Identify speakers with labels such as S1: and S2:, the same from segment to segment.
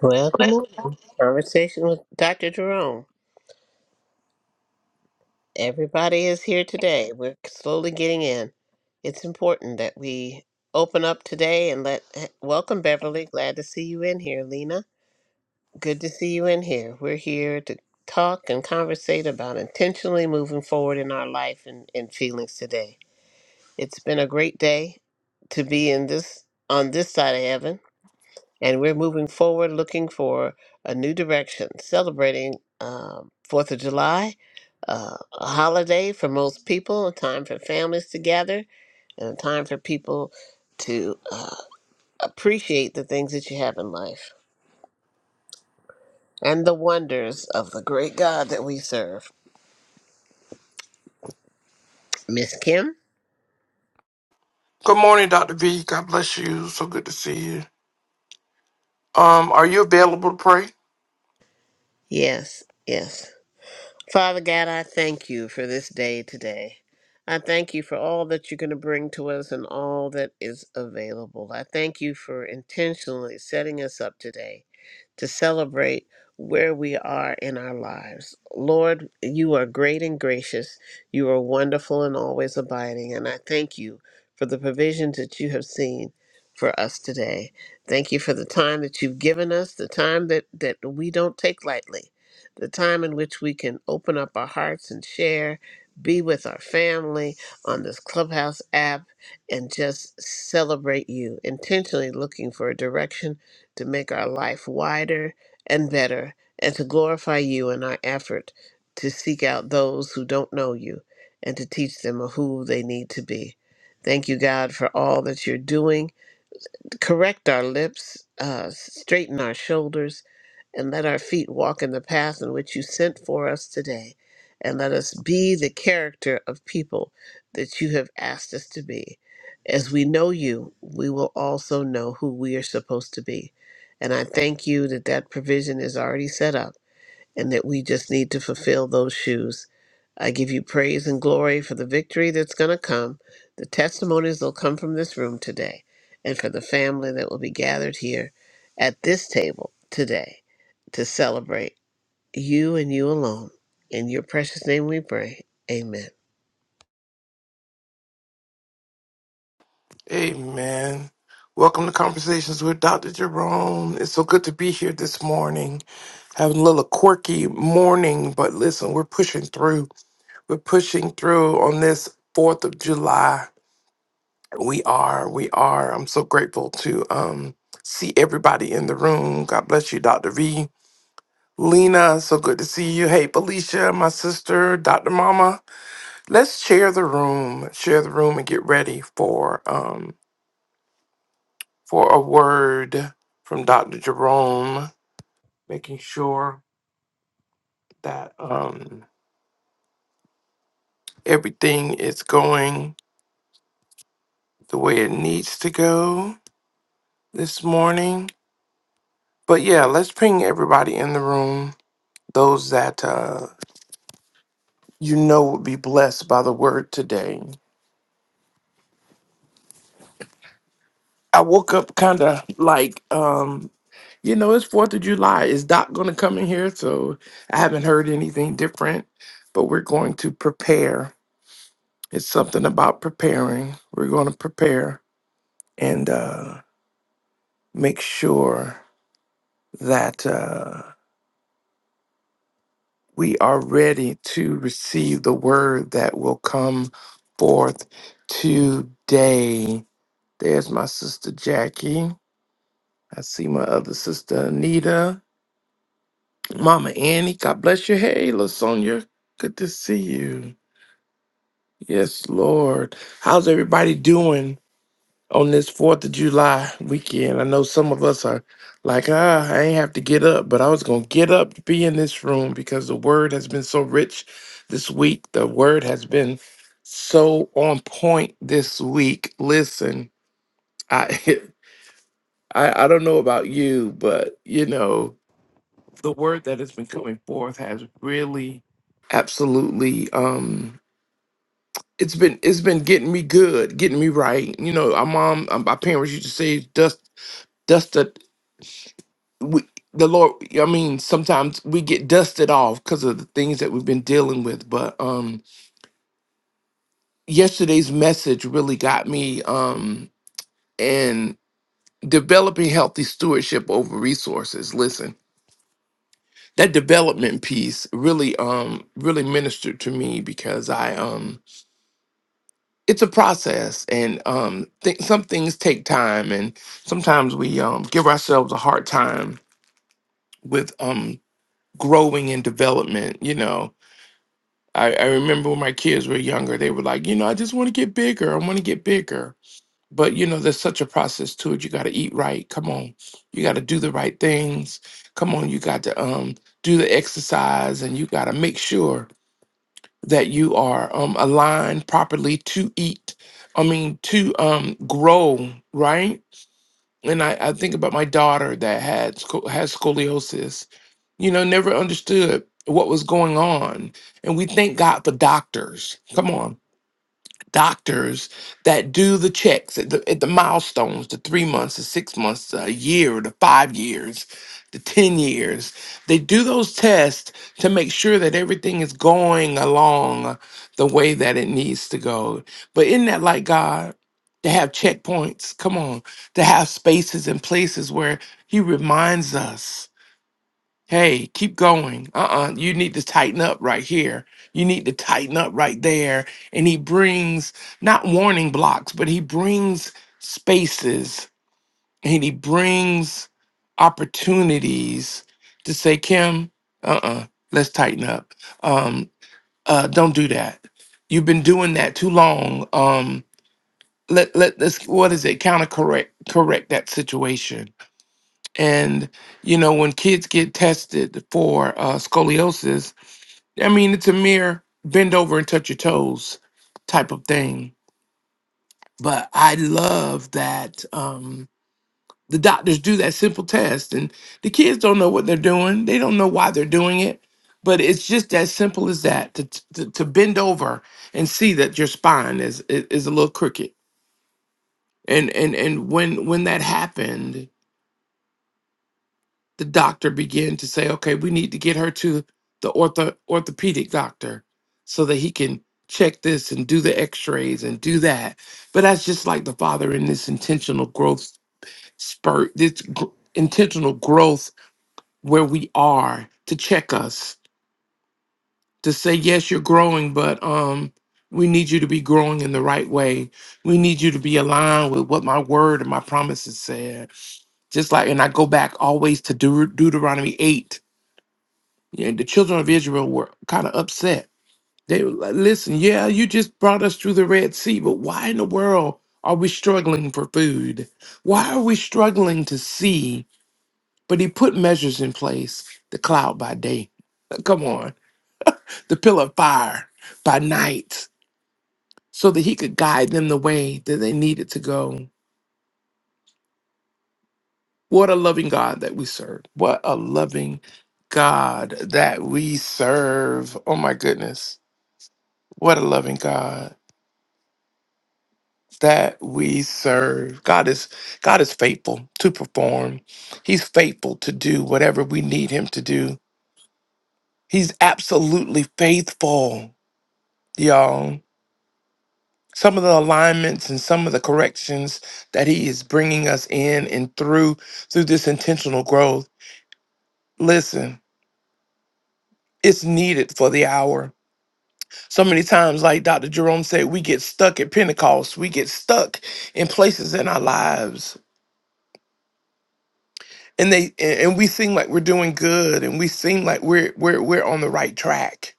S1: Well, good
S2: Good
S1: morning. Conversation with Dr. Jerome. Everybody is here today. We're slowly getting in. It's important that we open up today and let eh, welcome Beverly. Glad to see you in here, Lena. Good to see you in here. We're here to talk and conversate about intentionally moving forward in our life and, and feelings today. It's been a great day to be in this on this side of heaven and we're moving forward looking for a new direction, celebrating um, Fourth of July, uh, a holiday for most people, a time for families to gather, and a time for people to uh, appreciate the things that you have in life and the wonders of the great God that we serve. Miss Kim?
S2: morning, Dr. V. God bless you. So good to see you. Um, are you available to pray?
S1: Yes, yes. Father God, I thank you for this day today. I thank you for all that you're going to bring to us and all that is available. I thank you for intentionally setting us up today to celebrate where we are in our lives. Lord, you are great and gracious. You are wonderful and always abiding. And I thank you for the provisions that you have seen for us today. Thank you for the time that you've given us, the time that, that we don't take lightly the time in which we can open up our hearts and share, be with our family on this Clubhouse app, and just celebrate you, intentionally looking for a direction to make our life wider and better, and to glorify you in our effort to seek out those who don't know you and to teach them who they need to be. Thank you, God, for all that you're doing. Correct our lips, uh, straighten our shoulders, and let our feet walk in the path in which you sent for us today. And let us be the character of people that you have asked us to be. As we know you, we will also know who we are supposed to be. And I thank you that that provision is already set up and that we just need to fulfill those shoes. I give you praise and glory for the victory that's going to come, the testimonies that'll come from this room today, and for the family that will be gathered here at this table today to celebrate you and you alone. In your precious name we pray. Amen.
S2: Amen. Welcome to Conversations with Dr. Jerome. It's so good to be here this morning. Having a little quirky morning, but listen, we're pushing through. We're pushing through on this 4th of July. We are. We are. I'm so grateful to um see everybody in the room. God bless you, Dr. V. Lena, so good to see you. Hey, Felicia, my sister, Dr. Mama. Let's share the room, share the room, and get ready for um for a word from Dr. Jerome, making sure that um everything is going the way it needs to go this morning. But yeah, let's bring everybody in the room, those that uh you know would be blessed by the word today. I woke up kind of like um You know, it's Fourth of July. Is Doc going to come in here? So I haven't heard anything different, but we're going to prepare. It's something about preparing. We're going to prepare and uh, make sure that uh, we are ready to receive the word that will come forth today. There's my sister Jackie. I see my other sister Anita. Mama Annie, God bless you. Hey, LaSonia, good to see you. Yes, Lord. How's everybody doing on this 4th of July weekend? I know some of us are like, ah, I ain't have to get up, but I was going to get up to be in this room because the word has been so rich this week. The word has been so on point this week. Listen, I. I, I don't know about you, but you know, the word that has been coming forth has really absolutely um. it's been it's been getting me good, getting me right. You know, our mom, um, my parents used to say, "Dust, dust the we, the Lord." I mean, sometimes we get dusted off because of the things that we've been dealing with. But um, yesterday's message really got me. Um, and developing healthy stewardship over resources. Listen, that development piece really um really ministered to me because I um it's a process and um th- some things take time and sometimes we um give ourselves a hard time with um growing and development you know I, I remember when my kids were younger they were like you know i just want to get bigger i want to get bigger but you know there's such a process to it you got to eat right come on you got to do the right things come on you got to um do the exercise and you got to make sure that you are um, aligned properly to eat i mean to um, grow right and I, I think about my daughter that had sco- has scoliosis you know never understood what was going on and we thank god for doctors come on doctors that do the checks at the, at the milestones the three months the six months a year the five years the 10 years they do those tests to make sure that everything is going along the way that it needs to go but isn't that like god to have checkpoints come on to have spaces and places where he reminds us Hey, keep going. Uh-uh. You need to tighten up right here. You need to tighten up right there. And he brings not warning blocks, but he brings spaces and he brings opportunities to say, Kim, uh-uh, let's tighten up. Um, uh, don't do that. You've been doing that too long. Um, let let What what is it? Counter correct correct that situation and you know, when kids get tested for uh, scoliosis, I mean, it's a mere bend over and touch your toes type of thing. But I love that um, the doctors do that simple test, and the kids don't know what they're doing. They don't know why they're doing it, but it's just as simple as that to to, to bend over and see that your spine is is is a little crooked. And and and when when that happened, the doctor began to say, okay, we need to get her to the ortho, orthopedic doctor so that he can check this and do the x rays and do that. But that's just like the father in this intentional growth spurt, this gr- intentional growth where we are to check us, to say, yes, you're growing, but, um, we need you to be growing in the right way. We need you to be aligned with what my word and my promises said. Just like, and I go back always to Deut- Deuteronomy 8 Yeah, And the children of Israel were kind of upset. They were like, listen, yeah, you just brought us through the Red Sea, but why in the world are we struggling for food? Why are we struggling to see? But he put measures in place the cloud by day, come on, the pillar of fire by night, so that he could guide them the way that they needed to go. What a loving God that we serve. What a loving God that we serve. Oh my goodness. What a loving God. that we serve. God is God is faithful to perform. He's faithful to do whatever we need him to do. He's absolutely faithful, y'all. Some of the alignments and some of the corrections that he is bringing us in and through through this intentional growth. Listen, it's needed for the hour. So many times like Dr. Jerome said, we get stuck at Pentecost. We get stuck in places in our lives and they and and we seem like we're doing good and we seem like we're we're we're on the right track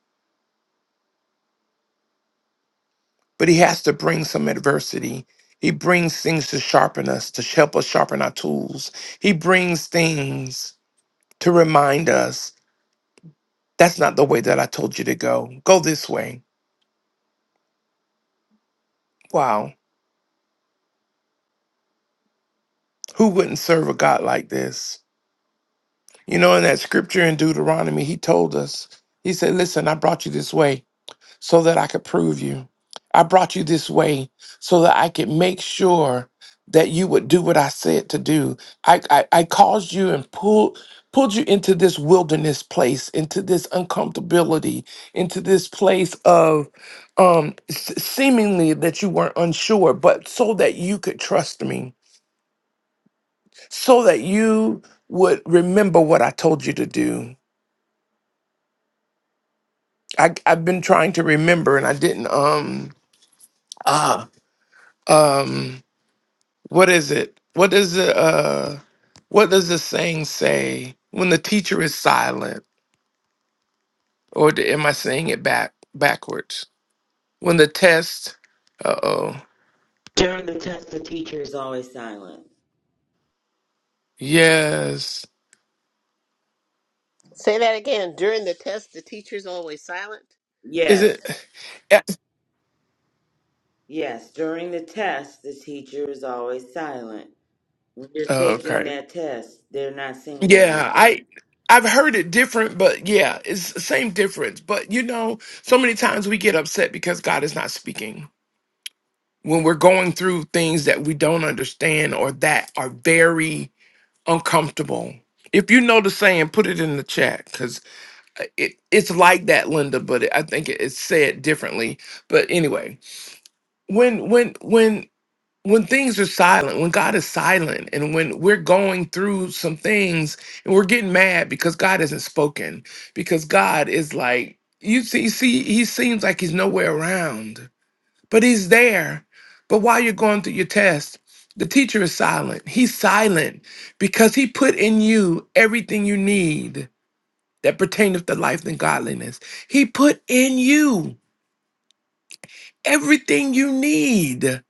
S2: but he has to bring some adversity he brings things to sharpen us to help us sharpen our tools he brings things to remind us that's not the way that i told you to go go this way wow who wouldn't serve a god like this you know in that scripture in deuteronomy he told us he said listen i brought you this way so that I could prove you. I brought you this way so that I could make sure that you would do what I said to do. I, I, I caused you and pulled pulled you into this wilderness place, into this uncomfortability, into this place of um s- seemingly that you weren't unsure, but so that you could trust me, so that you would remember what I told you to do. I, I've been trying to remember and I didn't um ah um What is it? What does the uh, what does the saying say when the teacher is silent? Or d- am I saying it back backwards? When the test, uh oh,
S3: During the test, the teacher is always silent.
S2: yes,
S1: Say that again. During the test, the teacher's always silent,
S2: is
S3: Yes,
S2: it? eh,
S3: yes. During the test, the teacher is always silent. When you're taking
S2: Okay,
S3: that test, they're not saying
S2: yeah,
S3: anything.
S2: I I've heard it different, but yeah, it's the same difference. But you know, so many times we get upset because God is not speaking when we're going through things that we don't understand or that are very uncomfortable. If you know the saying, put it in the chat because it, it's like that, Linda. But it, I think it, it's said differently. But anyway, when when when when things are silent, when God is silent, and when we're going through some things and we're getting mad because God hasn't spoken, because God is like you see, see, He seems like He's nowhere around but he's there. But while you're going through your test, the teacher is silent. He's silent because he put in you everything you need that pertaineth to life and godliness. He put in you everything you need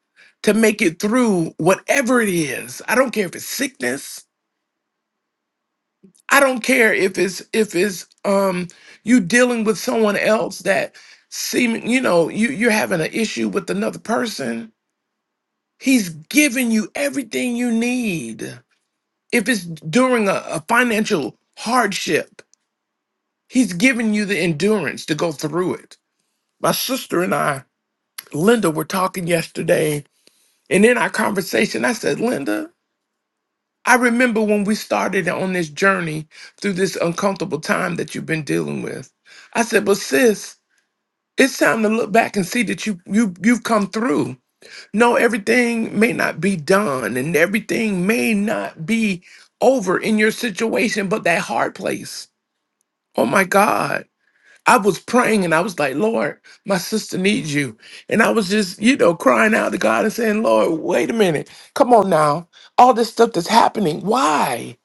S2: to make it through whatever it is. I don't care if it's sickness. I don't care if it's if it's um you dealing with someone else that seem you know you you're having an issue with another person He's given you everything you need. If it's during a, a financial hardship, He's given you the endurance to go through it. My sister and I, Linda, were talking yesterday, and in our conversation, I said, Linda, I remember when we started on this journey through this uncomfortable time that you've been dealing with. I said, but sis, it's time to look back and see that you you you've come through No, everything may not be done and everything may not be over in your situation, but that hard place. Oh my God. I was praying and I was like, Lord, my sister needs you. And I was just, you know, crying out to God and saying, Lord, wait a minute. Come on now. All this stuff that's happening. Why?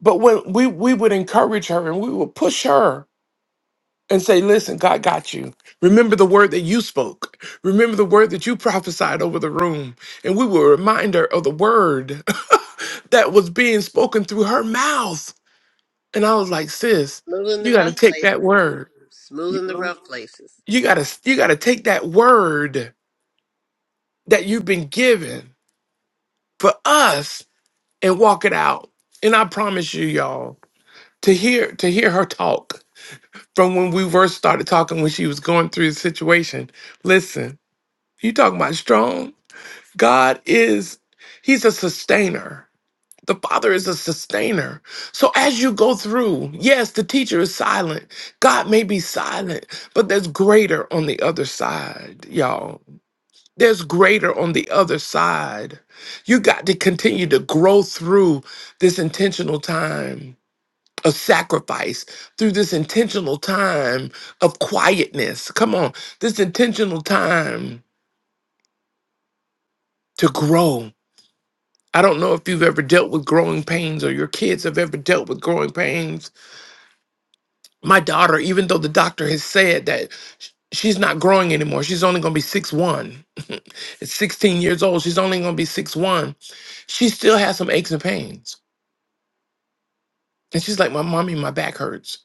S2: But when we, we would encourage her and we would push her and say, listen, God got you. Remember the word that you spoke. Remember the word that you prophesied over the room. And we were a reminder of the word that was being spoken through her mouth. And I was like, sis,
S1: smoothing the
S2: you gotta
S1: rough
S2: take
S1: places.
S2: that word.
S1: Smoothing the
S2: You
S1: rough places.
S2: you gotta you gotta take that word that you've been given for us and walk it out. And I promise you, y'all, to hear to hear her talk from when we first started talking when she was going through the situation. Listen, You talking about strong? God is, He's a sustainer. The Father is a sustainer. So as you go through, yes, the teacher is silent. God may be silent, but there's greater on the other side, y'all. There's greater on the other side. You got to continue to grow through this intentional time of sacrifice, through this intentional time of quietness. Come on, this intentional time to grow I don't know if you've ever dealt with growing pains or your kids have ever dealt with growing pains. My daughter, even though the doctor has said that sh- she's not growing anymore, she's only going to be six one. At 16 years old, she's only going to be six one. She still has some aches and pains. And she's like, My mommy, my back hurts.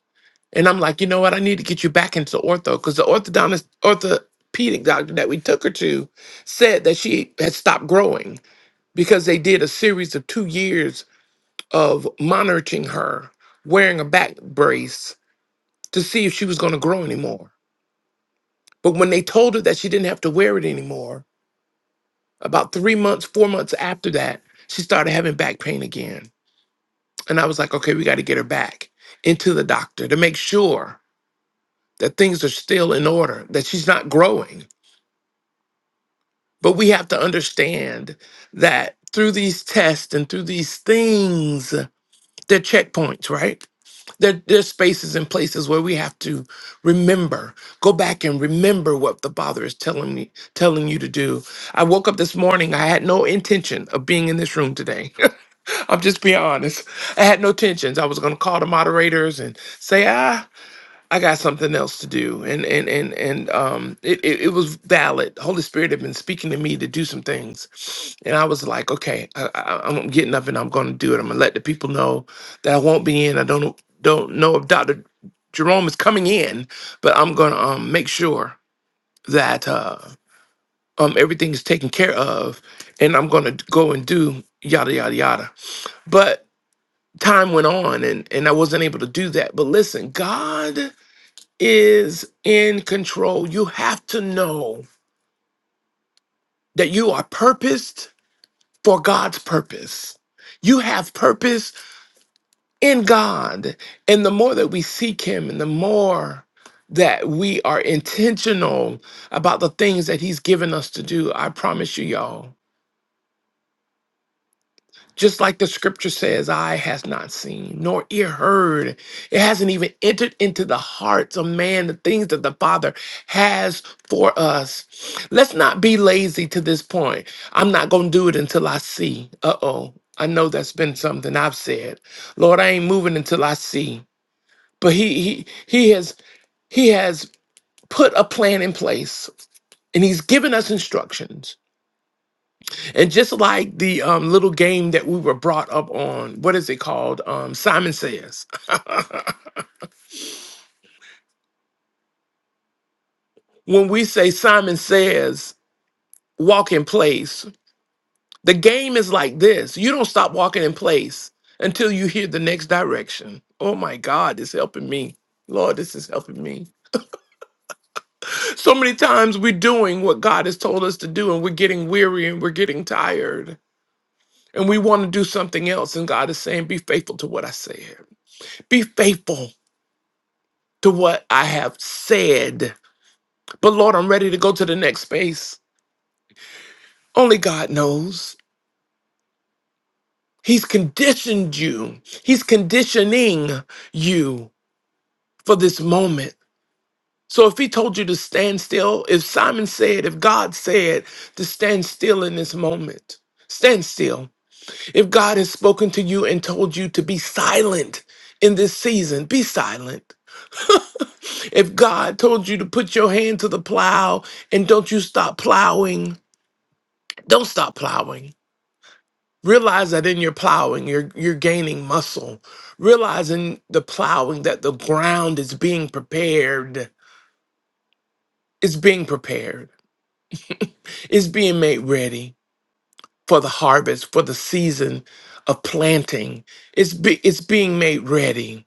S2: And I'm like, You know what? I need to get you back into ortho because the orthodontist, orthopedic doctor that we took her to said that she had stopped growing because they did a series of two years of monitoring her wearing a back brace to see if she was going to grow anymore. But when they told her that she didn't have to wear it anymore, about three months, four months after that, she started having back pain again. And I was like, okay, we got to get her back into the doctor to make sure that things are still in order, that she's not growing. But we have to understand that through these tests and through these things, They're checkpoints, right? There, there's spaces and places where we have to remember, go back and remember what the Father is telling me, telling you to do. I woke up this morning. I had no intention of being in this room today. I'm just being honest. I had no intentions. I was going to call the moderators and say, ah. I got something else to do. And and and and um it, it, it was valid. Holy Spirit had been speaking to me to do some things. And I was like, okay, I, I, I'm getting up and I'm gonna do it. I'm gonna let the people know that I won't be in. I don't don't know if Dr. Jerome is coming in, but I'm gonna um make sure that uh um everything is taken care of and I'm gonna go and do yada yada yada. But time went on and and I wasn't able to do that. But listen, God is in control. You have to know that you are purposed for God's purpose. You have purpose in God. And the more that we seek Him and the more that we are intentional about the things that He's given us to do, I promise you, y'all. Just like the scripture says, eye has not seen, nor ear heard. It hasn't even entered into the hearts of man the things that the Father has for us. Let's not be lazy to this point. I'm not going to do it until I see. Uh oh. I know that's been something I've said. Lord, I ain't moving until I see. But he, he, he has, he has put a plan in place and he's given us instructions and just like the um, little game that we were brought up on, what is it called? Um, Simon Says. When we say Simon Says, walk in place, the game is like this you don't stop walking in place until you hear the next direction. Oh my God, it's helping me. Lord, this is helping me. So many times we're doing what God has told us to do, and we're getting weary and we're getting tired, and we want to do something else. And God is saying, Be faithful to what I said. Be faithful. to what I have said. But Lord, I'm ready to go to the next space. Only God knows. He's conditioned you, He's conditioning you for this moment. So if He told you to stand still, if Simon said, if God said to stand still in this moment, stand still. If God has spoken to you and told you to be silent in this season, be silent. if God told you to put your hand to the plow and don't you stop plowing, don't stop plowing. Realize that in your plowing, you're you're gaining muscle. Realize in the plowing that the ground is being prepared. It's being prepared. It's being made ready for the harvest, for the season of planting. It's be, it's being made ready.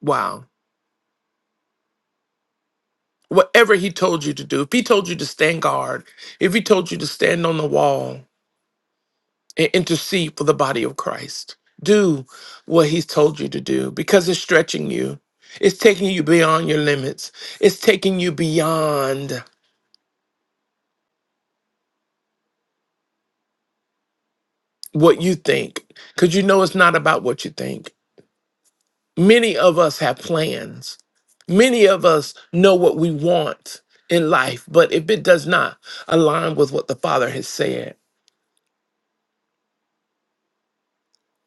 S2: Wow. Whatever he told you to do, if he told you to stand guard, if he told you to stand on the wall, and intercede for the body of Christ. Do what he's told you to do because it's stretching you. It's taking you beyond your limits. It's taking you beyond what you think because you know it's not about what you think. Many of us have plans. Many of us know what we want in life, but if it does not align with what the Father has said,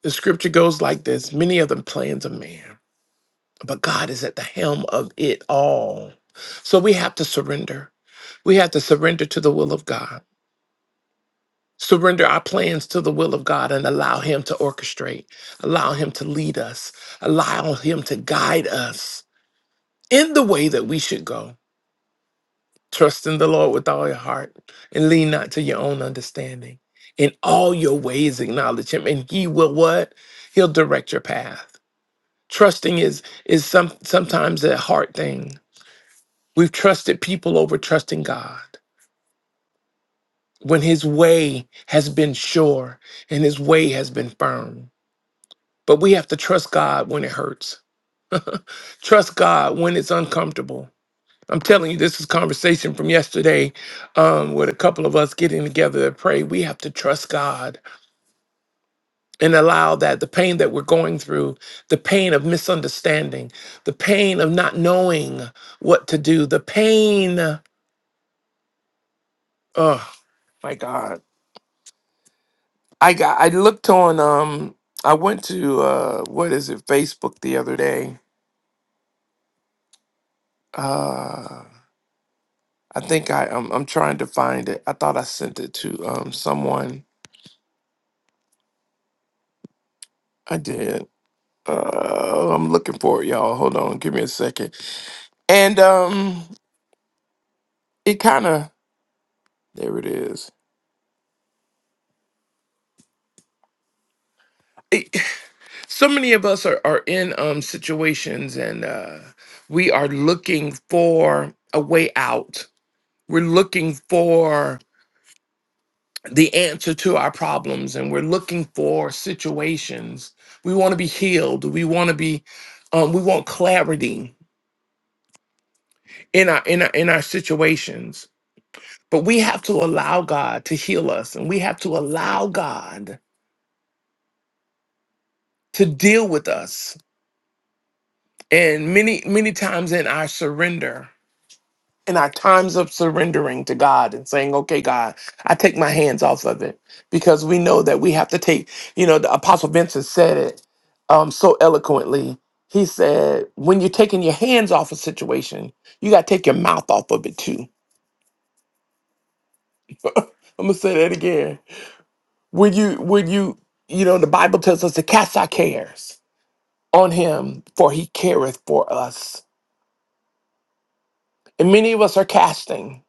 S2: the scripture goes like this many of the plans of man, but God is at the helm of it all. So we have to surrender. We have to surrender to the will of God, surrender our plans to the will of God, and allow Him to orchestrate, allow Him to lead us, allow Him to guide us in the way that we should go. Trust in the Lord with all your heart and lean not to your own understanding. In all your ways, acknowledge Him, and He will what? He'll direct your path. Trusting is is some sometimes a hard thing. We've trusted people over trusting God. when his way has been sure and his way has been firm. But we have to trust God when it hurts, trust God when it's uncomfortable. I'm telling you, this is conversation from yesterday um, with a couple of us getting together to pray. We have to trust God and allow that the pain that we're going through, the pain of misunderstanding, the pain of not knowing what to do, the pain, oh my God I got I looked on um I went to uh what is it Facebook the other day. Uh I think I I'm, I'm trying to find it. I thought I sent it to um someone. I did. Uh I'm looking for it, y'all. Hold on, give me a second. And um it kind of there it is. It, so many of us are are in um situations and uh we are looking for a way out. We're looking for the answer to our problems and we're looking for situations we want to be healed we want to be um, we want clarity in our in our in our situations but we have to allow god to heal us and we have to allow god to deal with us and many many times in our surrender in our times of surrendering to God and saying, okay, God, I take my hands off of it because we know that we have to take, you know, the Apostle Vincent said it um, so eloquently. He said, when you're taking your hands off a situation, you got to take your mouth off of it too. I'm going to say that again. When you, when you, you know, the Bible tells us to cast our cares on him for he careth for us. And many of us are casting.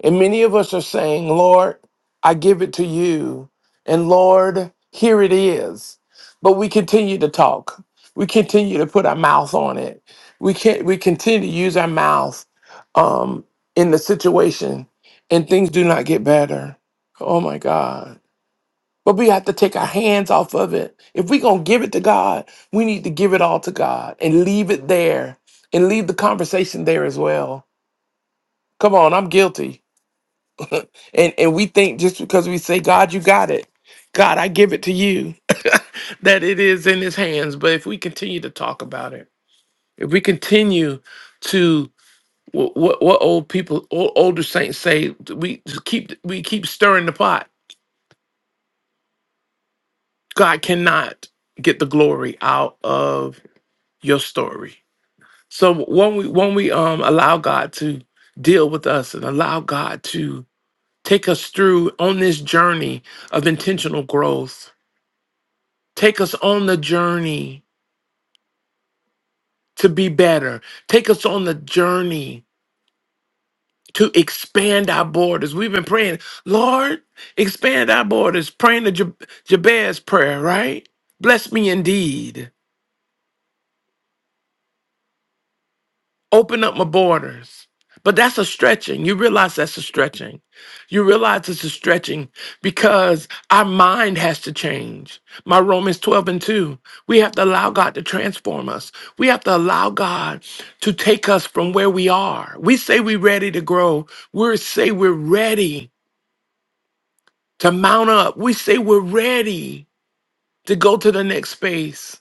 S2: And many of us are saying, Lord, I give it to you. And Lord, here it is. But we continue to talk. We continue to put our mouth on it. We can't we continue to use our mouth um, in the situation and things do not get better. Oh my God. But we have to take our hands off of it. If we're gonna give it to God, we need to give it all to God and leave it there and leave the conversation there as well. Come on, I'm guilty. And and we think just because we say, God, you got it. God, I give it to you, that it is in his hands. But if we continue to talk about it, if we continue to what what, what old people old, older saints say, we just keep we keep stirring the pot. God cannot get the glory out of your story. So when we when we um allow God to deal with us and allow God to take us through on this journey of intentional growth Take us on the journey to be better. Take us on the journey to expand our borders. We've been praying, Lord, expand our borders, praying the Jab- Jabez prayer, right? Bless me indeed. Open up my borders. But that's a stretching. You realize that's a stretching. You realize it's a stretching because our mind has to change. My Romans 12 and 2. We have to allow God to transform us. We have to allow God to take us from where we are. We say we're ready to grow. We say we're ready to mount up. We say we're ready to go to the next space.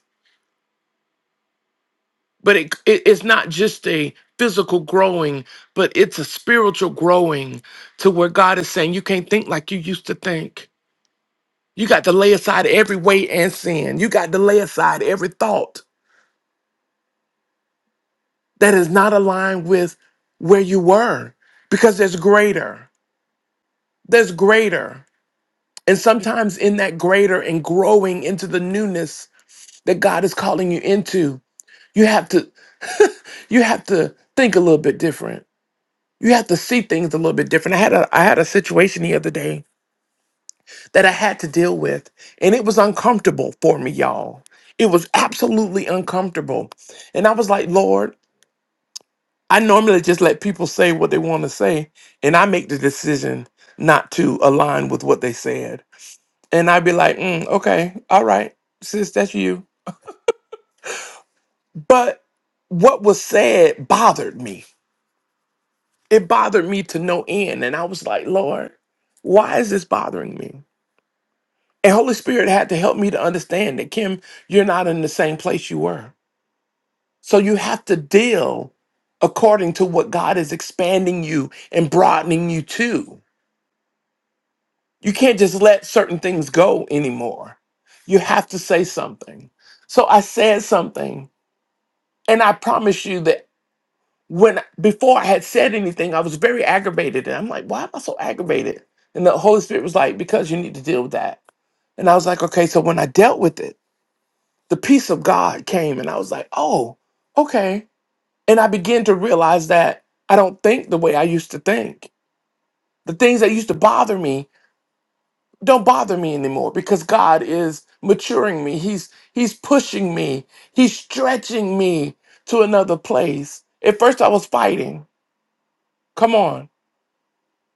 S2: but it, it it's not just a physical growing but it's a spiritual growing to where god is saying you can't think like you used to think you got to lay aside every weight and sin you got to lay aside every thought that is not aligned with where you were because there's greater there's greater and sometimes in that greater and growing into the newness that god is calling you into you have to you have to think a little bit different you have to see things a little bit different. I had a I had a situation the other day that I had to deal with, and it was uncomfortable for me, y'all. It was absolutely uncomfortable. And I was like, Lord, I normally just let people say what they want to say, and I make the decision not to align with what they said. And I'd be like, "Mm, okay, all right, sis, that's you. But what was said bothered me. It bothered me to no end. And I was like, Lord, why is this bothering me? And Holy Spirit had to help me to understand that, Kim, you're not in the same place you were. So you have to deal according to what God is expanding you and broadening you to. You can't just let certain things go anymore. You have to say something. So I said something, and I promise you that when before I had said anything, I was very aggravated. And I'm like, why am I so aggravated? And the Holy Spirit was like, because you need to deal with that. And I was like, okay, so when I dealt with it. the peace of God came and I was like, oh, okay. And I began to realize that I don't think the way I used to think. The things that used to bother me don't bother me anymore because God is maturing me. He's he's pushing me. He's stretching me to another place. At first I was fighting. Come on.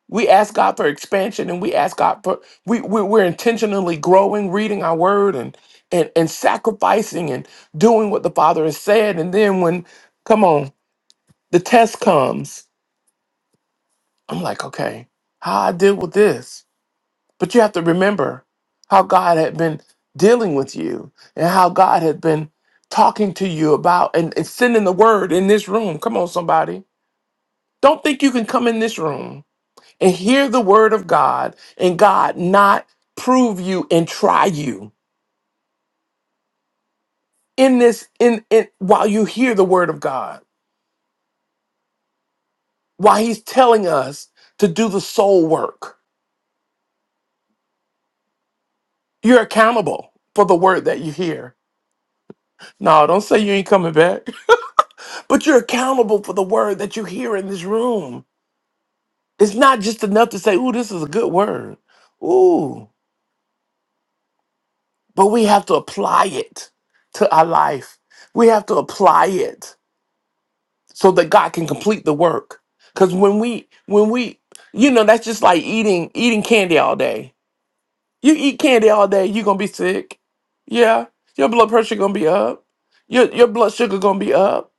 S2: We ask God for expansion and we ask God for we, we we're intentionally growing, reading our word and and and sacrificing and doing what the Father has said. And then when come on, the test comes, I'm like, okay, how I deal with this. But you have to remember how God had been dealing with you and how God had been talking to you about and, and sending the word in this room. Come on, somebody. Don't think you can come in this room and hear the word of God and God not prove you and try you in this in, in while you hear the word of God while he's telling us to do the soul work you're accountable for the word that you hear no don't say you ain't coming back but you're accountable for the word that you hear in this room it's not just enough to say ooh this is a good word ooh but we have to apply it to our life we have to apply it so that God can complete the work. Cause when we when we you know that's just like eating eating candy all day. You eat candy all day, you're gonna be sick. Yeah. Your blood pressure gonna be up. Your your blood sugar gonna be up.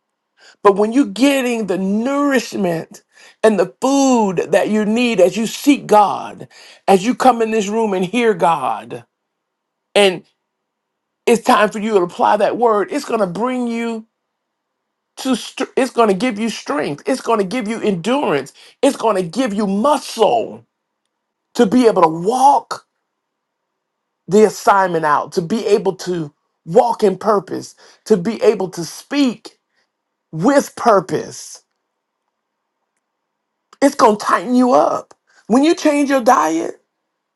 S2: But when you're getting the nourishment and the food that you need as you seek God, as you come in this room and hear God, and it's time for you to apply that word, it's gonna bring you to str it's going to give you strength it's going to give you endurance it's going to give you muscle to be able to walk the assignment out to be able to walk in purpose to be able to speak with purpose it's going to tighten you up when you change your diet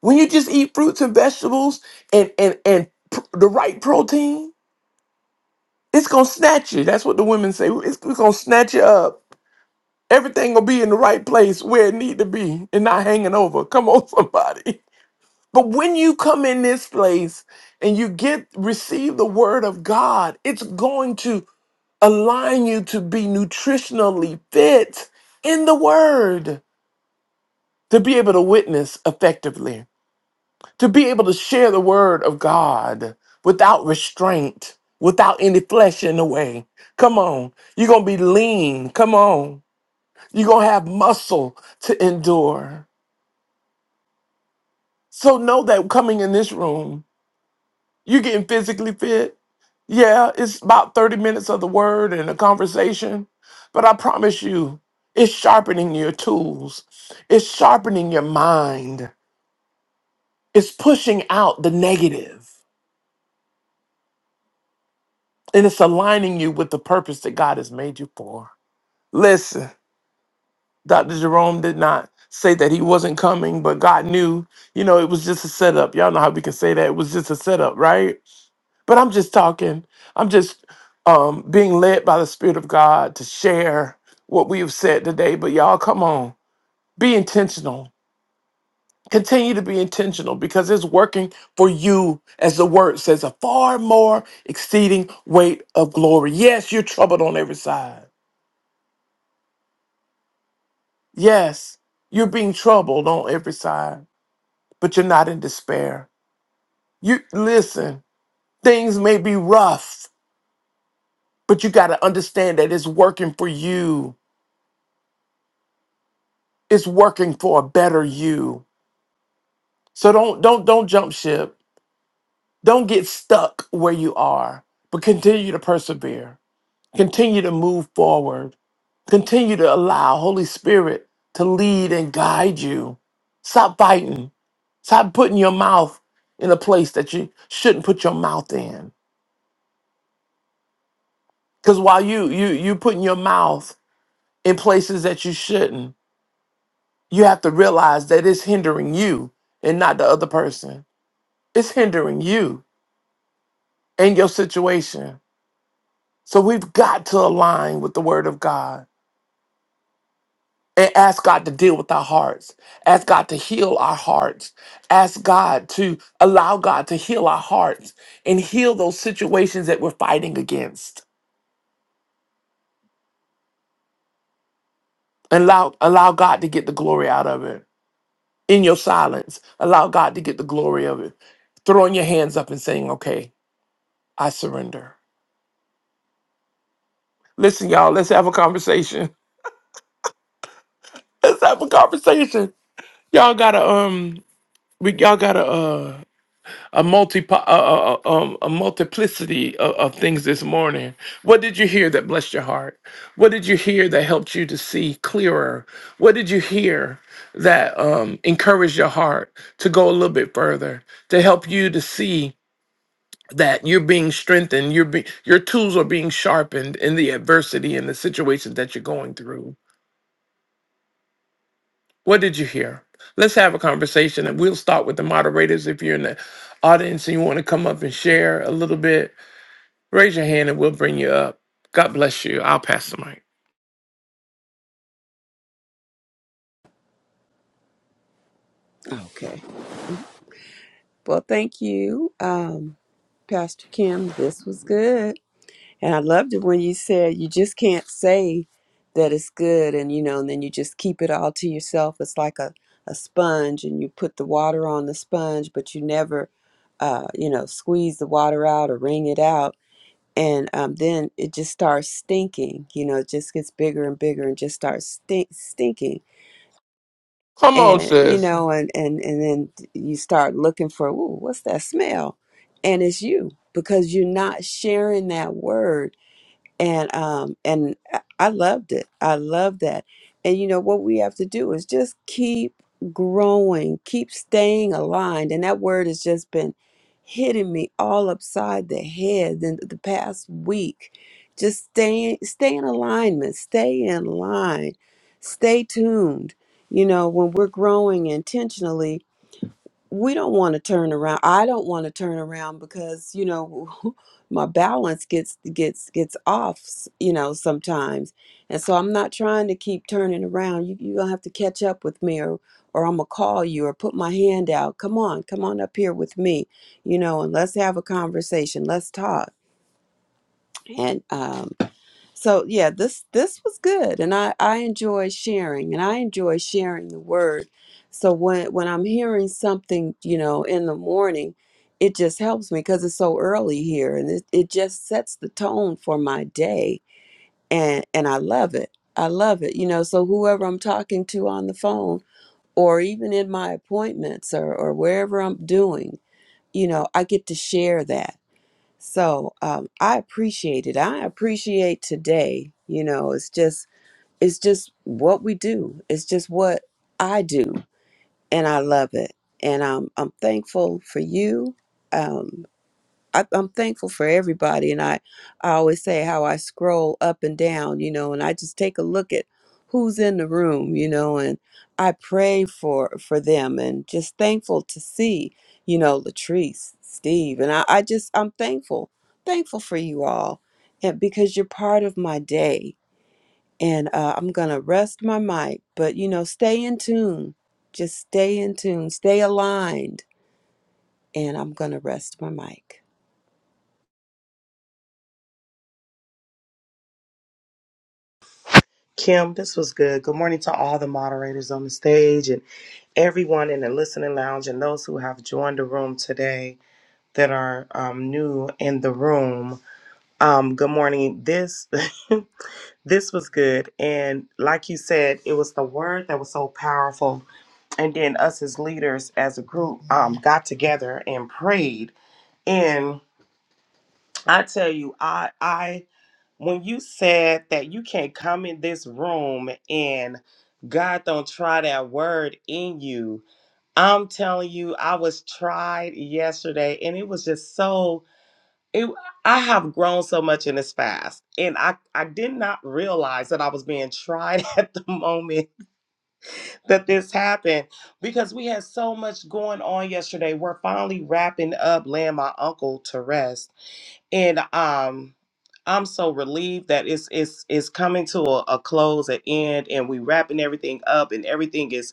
S2: when you just eat fruits and vegetables and and and pr- the right protein it's going to snatch you that's what the women say it's, it's going to snatch you up Everything will be in the right place where it need to be and not hanging over. Come on, somebody. But when you come in this place and you get receive the word of God, it's going to align you to be nutritionally fit in the word, to be able to witness effectively, to be able to share the word of God without restraint, without any flesh in the way. Come on. You're going to be lean. Come on. You're going to have muscle to endure. So know that coming in this room, you're getting physically fit. Yeah, it's about 30 minutes of the word and a conversation, but I promise you, it's sharpening your tools. It's sharpening your mind. It's pushing out the negative, and it's aligning you with the purpose that God has made you for. Listen. Dr. Jerome did not say that he wasn't coming, but God knew, you know, it was just a setup. Y'all know how we can say that. It was just a setup, right? But I'm just talking. I'm just um, being led by the Spirit of God to share what we have said today. But y'all, come on, be intentional. Continue to be intentional because it's working for you, as the word says, a far more exceeding weight of glory. Yes, you're troubled on every side. Yes, you're being troubled on every side. but you're not in despair. You listen, things may be rough, but you got to understand that it's working for you. It's working for a better you. So don't don't don't jump ship. Don't get stuck where you are, but continue to persevere. Continue to move forward. Continue to allow Holy Spirit to lead and guide you. Stop fighting. Stop putting your mouth in a place that you shouldn't put your mouth in. Because while you you you putting your mouth in places that you shouldn't. You have to realize that it's hindering you and not the other person. It's hindering you and your situation. So we've got to align with the word of God and ask God to deal with our hearts. Ask God to heal our hearts. Ask God to allow God to heal our hearts and heal those situations that we're fighting against. Allow allow God to get the glory out of it. In your silence, allow God to get the glory of it. Throwing your hands up and saying, "Okay, I surrender. Listen, y'all, let's have a conversation. Let's have a conversation. Y'all gotta um we y'all got to uh, a multi uh, uh, uh, um, a multiplicity of, of things this morning. What did you hear that blessed your heart? What did you hear that helped you to see clearer? What did you hear that um, encouraged your heart to go a little bit further to help you to see that you're being strengthened, you're be, your tools are being sharpened in the adversity and the situations that you're going through? What did you hear? Let's have a conversation and we'll start with the moderators. If you're in the audience and you want to come up and share a little bit, raise your hand and we'll bring you up. God bless you. I'll pass the mic.
S4: Okay. Well, thank you, um, Pastor Kim. This was good. And I loved it when you said you just can't say that it's good and you know, and then you just keep it all to yourself. It's like a, a sponge and you put the water on the sponge, but you never uh, you know, squeeze the water out or wring it out. And um, then it just starts stinking, you know, it just gets bigger and bigger and just starts stink- stinking
S2: Come on,
S4: and you
S2: sis.
S4: know and and and then you start looking for ooh what's that smell and it's you because you're not sharing that word and um and i I loved it i love that and you know what we have to do is just keep growing keep staying aligned and that word has just been hitting me all upside the head in the past week just stay stay in alignment stay in line stay tuned you know when we're growing intentionally we don't want to turn around i don't want to turn around because you know my balance gets gets gets off s- you know sometimes and so i'm not trying to keep turning around you, you're gonna have to catch up with me or or i'm gonna call you or put my hand out come on come on up here with me you know and let's have a conversation let's talk and um so yeah, this this was good, and I I enjoy sharing, and I enjoy sharing the word. So when when I'm hearing something, you know, in the morning, it just helps me because it's so early here, and it it just sets the tone for my day, and and I love it. I love it, you know. So whoever I'm talking to on the phone, or even in my appointments, or or wherever I'm doing, you know, I get to share that so um, I appreciate it. I appreciate today. You know, it's just it's just what we do. It's just what I do, and I love it. And I'm I'm thankful for you. Um, I, I'm thankful for everybody. And I, I always say how I scroll up and down, you know, and I just take a look at who's in the room, you know, and I pray for for them and just thankful to see, you know, Latrice, Steve. And I, I just I'm thankful, thankful for you all. And because you're part of my day. And uh, I'm gonna rest my mic, but you know, stay in tune. Just stay in tune, stay aligned. And I'm gonna rest my mic.
S5: Kim, this was good. Good morning to all the moderators on the stage and everyone in the listening lounge and those who have joined the room today that are um, new in the room. Um, good morning. This this was good, and like you said, it was the word that was so powerful. And then us as leaders, as a group, um, got together and prayed. And I tell you, I I when you said that you can't come in this room and God don't try that word in you, I'm telling you, I was tried yesterday and it was just so it I have grown so much in this fast. And I, I did not realize that I was being tried at the moment that this happened because we had so much going on yesterday. We're finally wrapping up laying my uncle to rest and um i'm so relieved that it's it's it's coming to a, a close an end and we wrapping everything up and everything is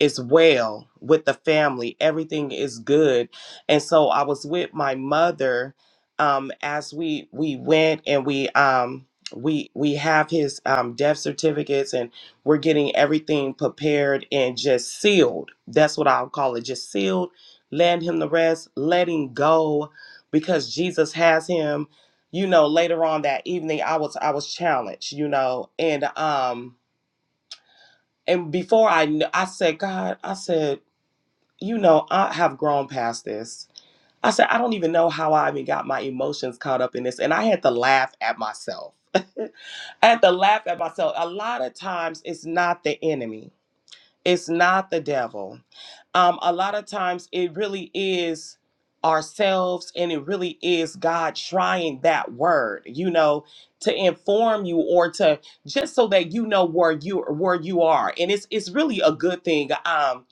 S5: is well with the family. Everything is good. And so I was with my mother um as we we went and we um we we have his um death certificates and we're getting everything prepared and just sealed. That's what I'll call it. Just sealed, let him the rest, let him go because Jesus has him. You know, later on that evening I was I was challenged, you know, and um and before I kn- I said, God, I said you know, I have grown past this. I said, I don't even know how I even got my emotions caught up in this. And I had to laugh at myself. I had to laugh at myself. A lot of times it's not the enemy, it's not the devil. Um, a lot of times it really is ourselves and it really is God trying that word, you know, to inform you or to just so that you know where you where you are. And it's it's really a good thing. Um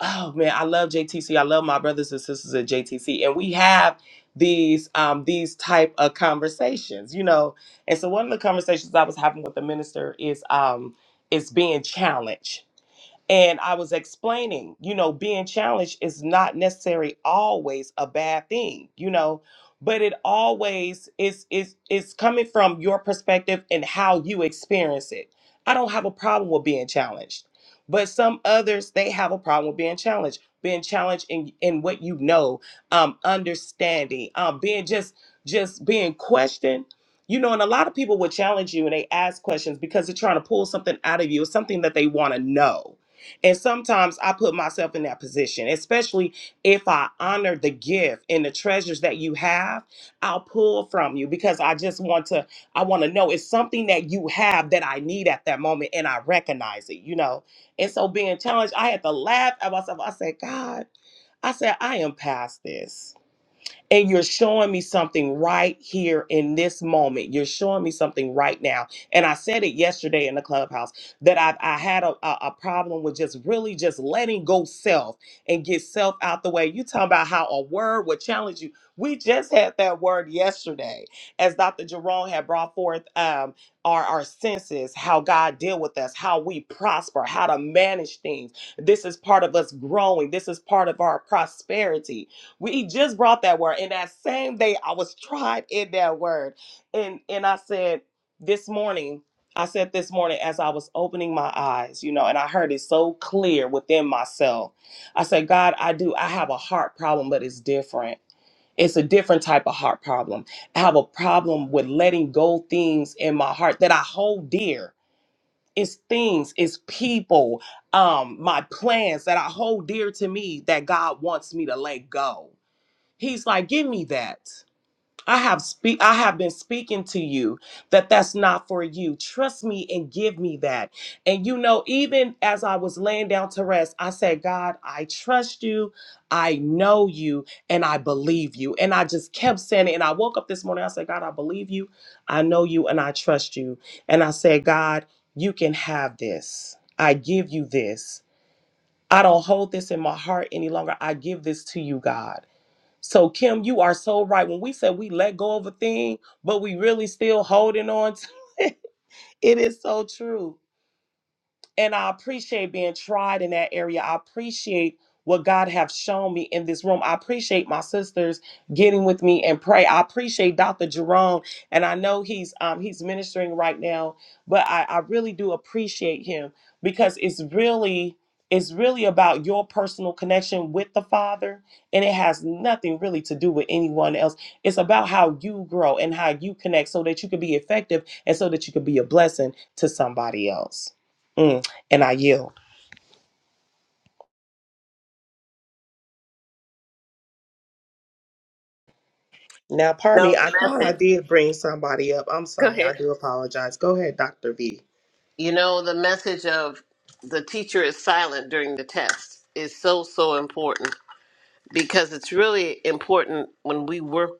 S5: oh man, I love JTC. I love my brothers and sisters at JTC, and we have these um these type of conversations, you know. And so one of the conversations I was having with the minister is um is being challenged and I was explaining, you know, being challenged is not necessarily always a bad thing, you know, but it always is is is coming from your perspective and how you experience it. I don't have a problem with being challenged, but some others they have a problem with being challenged, being challenged in in what you know, um, understanding, um, being just just being questioned. You know, and a lot of people will challenge you and they ask questions because they're trying to pull something out of you, something that they want to know and sometimes I put myself in that position, especially if I honor the gift and the treasures that you have, I'll pull from you because I just want to, I want to know it's something that you have that I need at that moment and I recognize it, you know? And so being challenged, I had to laugh at myself. I said, God, I said, I am past this and you're showing me something right here in this moment. You're showing me something right now. And I said it yesterday in the clubhouse that I, I had a, a, a problem with just really just letting go self and get self out the way. You talking about how a word would challenge you. We just had that word yesterday, as Dr. Jerome had brought forth um, our, our senses, how God deal with us, how we prosper, how to manage things. This is part of us growing. This is part of our prosperity we just brought that word. And that same day I was tried in that word. And and I said this morning, I said this morning as I was opening my eyes, you know, and I heard it so clear within myself. I said, God, I do, I have a heart problem, but it's different. It's a different type of heart problem. I have a problem with letting go things in my heart that I hold dear. It's things, it's people, um, my plans that I hold dear to me that God wants me to let go He's like, give me that. I have speak I have been speaking to you that that's not for you. Trust me and give me that. And you know, even as I was laying down to rest, I said, God, I trust you. I know you and I believe you. And I just kept saying it. And I woke up this morning. I said, God, I believe you. I know you and I trust you. And I said, God, you can have this. I give you this. I don't hold this in my heart any longer. I give this to you, God. So Kim, you are so right. When we say we let go of a thing, but we really still holding on to it is so true and I appreciate being tried in that area. I appreciate what God have shown me in this room. I appreciate my sisters getting with me and pray. I appreciate Dr. Jerome, and I know he's um, he's ministering right now, but I, I really do appreciate him because it's really it's really about your personal connection with the Father, and it has nothing really to do with anyone else. It's about how you grow and how you connect so that you can be effective and so that you can be a blessing to somebody else. Mm and I yield. Now, pardon me,
S1: No, the
S5: I thought I
S1: message.
S5: did bring somebody up. I'm
S1: Go
S5: sorry,
S1: ahead.
S5: I do apologize. Go ahead, Dr. V.
S1: You know, the message of the teacher is silent during the test is so, so important because it's really important when we work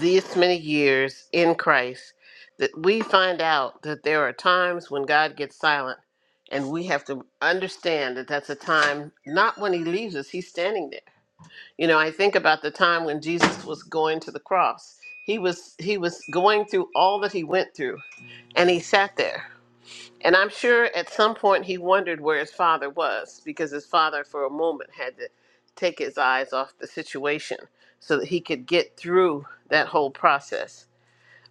S1: this many years in Christ that we find out that there are times when God gets silent and we have to understand that that's a time not when he leaves us, he's standing there. You know, I think about the time when Jesus was going to the cross. He was he was going through all that he went through and he sat there and I'm sure at some point he wondered where his father was because his father, for a moment, had to take his eyes off the situation so that he could get through that whole process.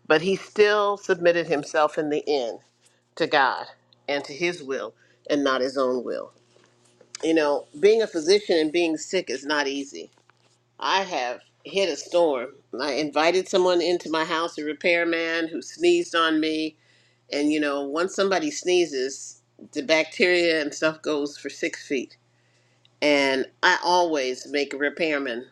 S1: But he still submitted himself in the end to God and to his will and not his own will. You know, being a physician and being sick is not easy. I have hit a storm. I invited someone into my house, a repairman who sneezed on me and you know, once somebody sneezes, the bacteria and stuff goes for six feet. And I always make a repairman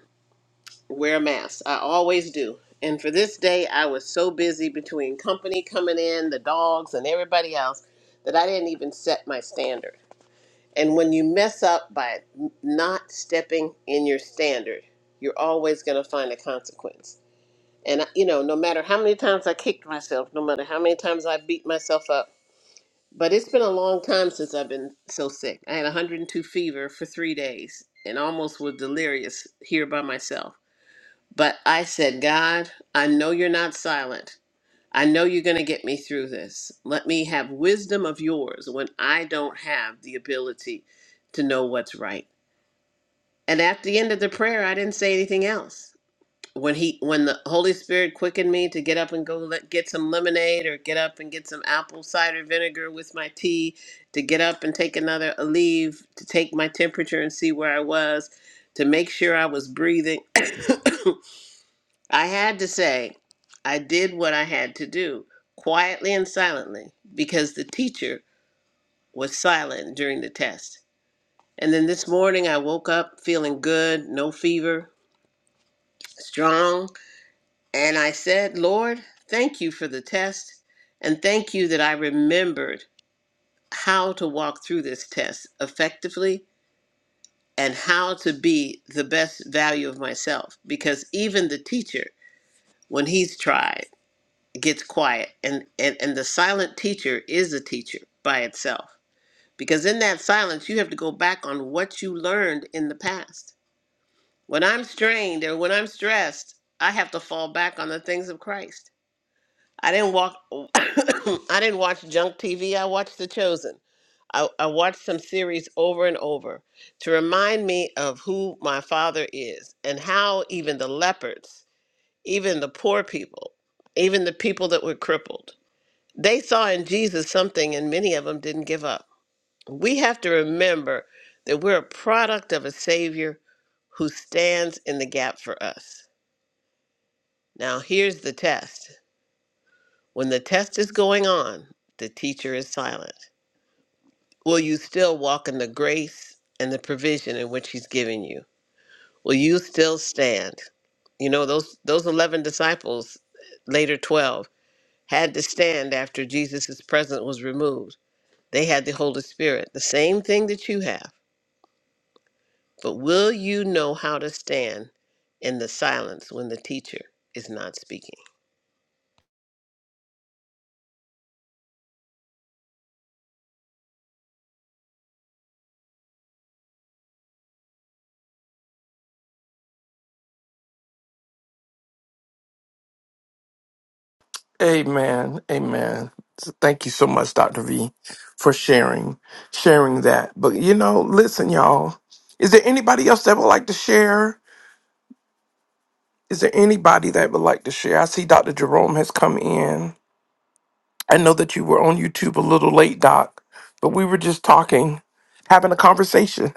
S1: wear a mask. I always do. And for this day, I was so busy between company coming in, the dogs, and everybody else that I didn't even set my standard. And when you mess up by not stepping in your standard, you're always going to find a consequence. And, you know, no matter how many times I kicked myself, no matter how many times I beat myself up, but it's been a long time since I've been so sick. I had 102 fever for three days and almost was delirious here by myself. But I said, God, I know you're not silent. I know you're going to get me through this. Let me have wisdom of yours when I don't have the ability to know what's right. And at the end of the prayer, I didn't say anything else when he when the holy spirit quickened me to get up and go let, get some lemonade or get up and get some apple cider vinegar with my tea to get up and take another leave to take my temperature and see where i was to make sure i was breathing i had to say i did what i had to do quietly and silently because the teacher was silent during the test and then this morning i woke up feeling good no fever strong And I said, Lord, thank you for the test. And thank you that I remembered how to walk through this test effectively and how to be the best value of myself. Because even the teacher, when he's tried, gets quiet. And, and, and the silent teacher is a teacher by itself. Because in that silence, you have to go back on what you learned in the past. When I'm strained or when I'm stressed, I have to fall back on the things of Christ I didn't walk. I didn't watch junk TV. I watched The Chosen. I, I watched some series over and over to remind me of who my father is and how even the leopards, even the poor people, even the people that were crippled, they saw in Jesus something and many of them didn't give up. We have to remember that we're a product of a Savior who stands in the gap for us. Now, here's the test When the test is going on, the teacher is silent. Will you still walk in the grace and the provision in which he's given you? Will you still stand? You know, those those 11 disciples, later 12, had to stand after Jesus' presence was removed. They had the Holy Spirit, the same thing that you have. But will you know how to stand in the silence when the teacher is not speaking?
S2: Amen. Amen. So Thank you so much, Dr. V, for sharing, sharing that. But you know, listen, y'all. Is there anybody else that would like to share? Is there anybody that would like to share? I see Dr. Jerome has come in. I know that you were on YouTube a little late, Doc, but we were just talking, having a conversation,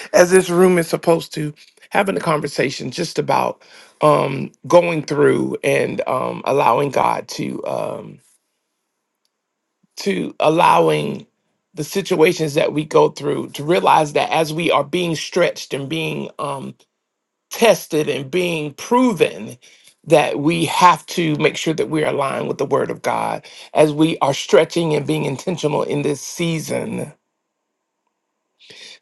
S2: as this room is supposed to, having a conversation just about um, going through and um, allowing God to um, to allowing the situations that we go through to realize that as we are being stretched and being um, tested and being proven that we have to make sure that we're aligned with the word of God as we are stretching and being intentional in this season.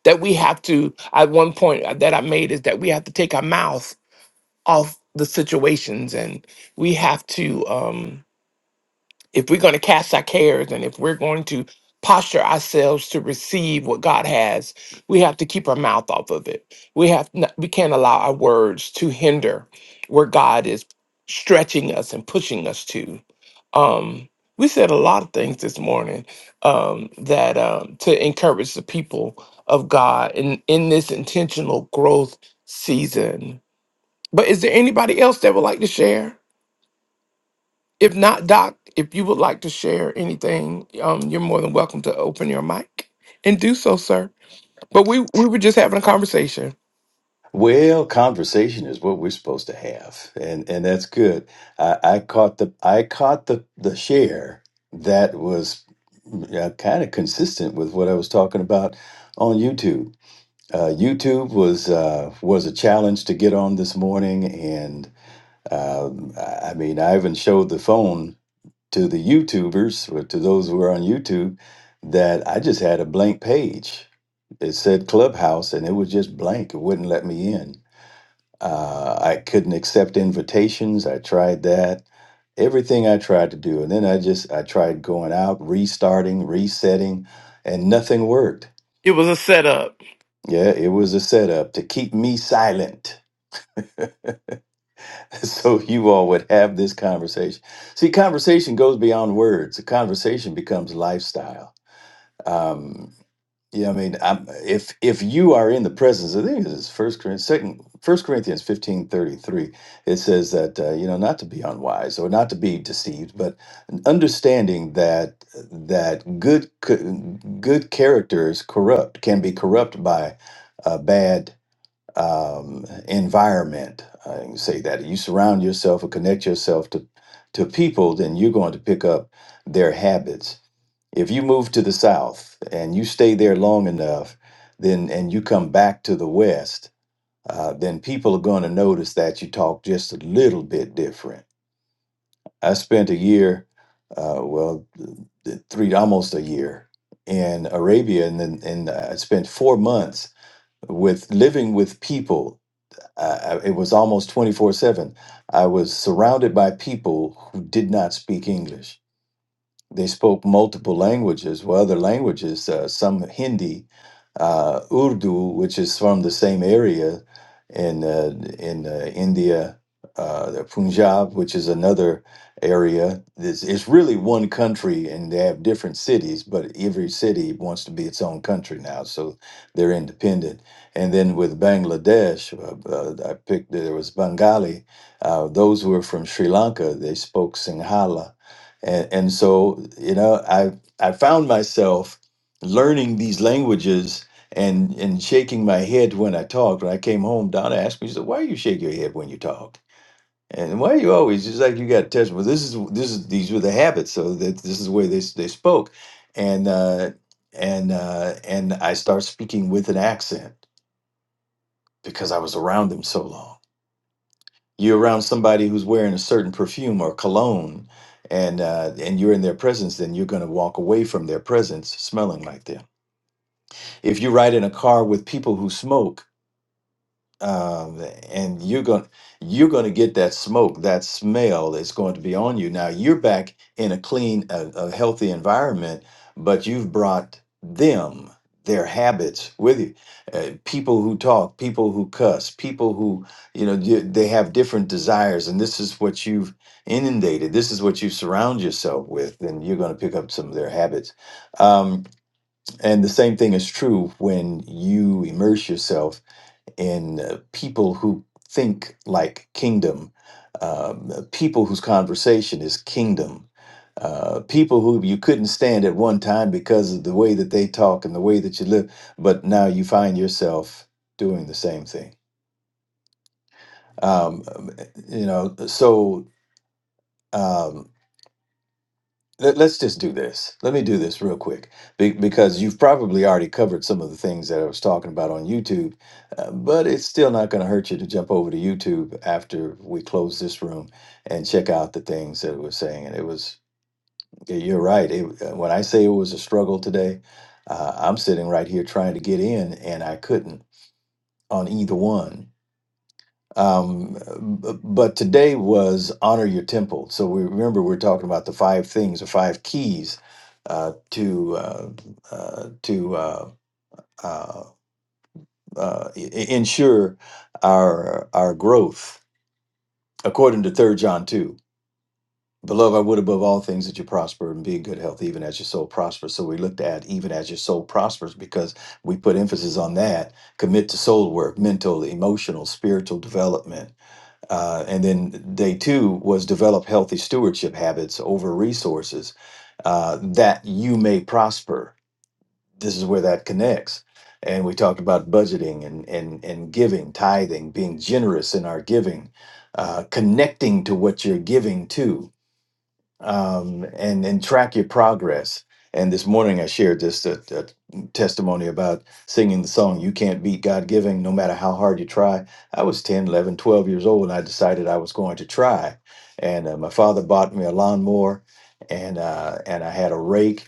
S2: That we have to, at one point uh, that I made is that we have to take our mouth off the situations and we have to um if we're going to cast our cares and if we're going to posture ourselves to receive what God has, we have to keep our mouth off of it. We have not, we can't allow our words to hinder where God is stretching us and pushing us to. Um, we said a lot of things this morning um, that um, to encourage the people of God in in this intentional growth season. But is there anybody else that would like to share? If not, Doc, if you would like to share anything, um, you're more than welcome to open your mic and do so, sir. But we we were just having a conversation.
S6: Well, conversation is what we're supposed to have, and and that's good. I, I caught the I caught the the share that was uh, kind of consistent with what I was talking about on YouTube. Uh, YouTube was uh, was a challenge to get on this morning, and um, I I mean, I even showed the phone to the YouTubers, or to those who are on YouTube, that I just had a blank page. It said Clubhouse, and it was just blank. It wouldn't let me in uh, I couldn't accept invitations. I tried that. Everything I tried to do. And then I just, I tried going out, restarting, resetting, and nothing worked.
S2: It was a setup.
S6: Yeah, it was a setup to keep me silent so you all would have this conversation. See, conversation goes beyond words, a conversation becomes lifestyle. Um, Yeah, I mean, I'm, if if you are in the presence, I think it's First Corinthians, second First Corinthians fifteen thirty three. It says that uh, you know not to be unwise or not to be deceived, but understanding that that good c- good character is corrupt, can be corrupt by a bad um, environment. I can say that you surround yourself or connect yourself to to people, then you're going to pick up their habits if you move to the South and you stay there long enough, then and you come back to the West, uh, then people are going to notice that you talk just a little bit different. I spent a year, uh, well, th- th- three almost a year in Arabia, and then and I spent four months with living with people. Uh, I- it was almost twenty four seven. I was surrounded by people who did not speak English they spoke multiple languages, well, other languages, uh, some Hindi, uh, Urdu, which is from the same area in uh, in uh, India, uh, the Punjab, which is another area. It's, it's really one country, and they have different cities, but every city wants to be its own country now, so they're independent. And then with Bangladesh, uh, uh, I picked there was Bengali. Uh, those were from Sri Lanka. They spoke Sinhala and, and so you know i i found myself learning these languages and and shaking my head when i talked when i came home donna asked me she said why you shake your head when you talk and why you always just like you got touched well this is this is these were the habits so that this is the way they, s- they spoke and uh and uh and i start speaking with an accent because i was around them so long you're around somebody who's wearing a certain perfume or cologne and uh, and you're in their presence then you're going to walk away from their presence smelling like them if you ride in a car with people who smoke um, and you're going you're going to get that smoke, that smell that's going to be on you. Now you're back in a clean, a, a healthy environment, but you've brought them their habits with you. Uh, people who talk, people who cuss, people who you know you, they have different desires, and this is what you've inundated. This is what you surround yourself with, and you're going to pick up some of their habits. Um, and the same thing is true when you immerse yourself in uh, people who think like kingdom, um, people whose conversation is kingdom, uh, people who you couldn't stand at one time because of the way that they talk and the way that you live, but now you find yourself doing the same thing. Um, um, you know, so. Um, let, us just do this. Let me do this real quick be, because you've probably already covered some of the things that I was talking about on YouTube, uh, but it's still not going to hurt you to jump over to YouTube after we close this room and check out the things that it was saying. And it was, yeah, you're right. It, uh, when I say it was a struggle today, uh, I'm sitting right here trying to get in and I couldn't on either one um, b- but today was honor your temple. So we remember we're talking about the five things or five keys uh, to uh, uh, to uh, uh, uh, e- e- ensure our our growth, according to Third John two. Beloved, I would above all things that you prosper and be in good health, even as your soul prospers. So we looked at even as your soul prospers because we put emphasis on that. Commit to soul work, mental, emotional, spiritual development Uh, and then day two was develop healthy stewardship habits over resources uh, that you may prosper. This is where that connects. And we talked about budgeting and, and, and giving, tithing, being generous in our giving, uh, connecting to what you're giving to um, and and track your progress. And this morning I shared this uh uh testimony about singing the song "You Can't Beat God Giving," no matter how hard you try. I was 10, 11, 12 years old, and I decided I was going to try. And uh, my father bought me a lawnmower, and uh, and I had a rake,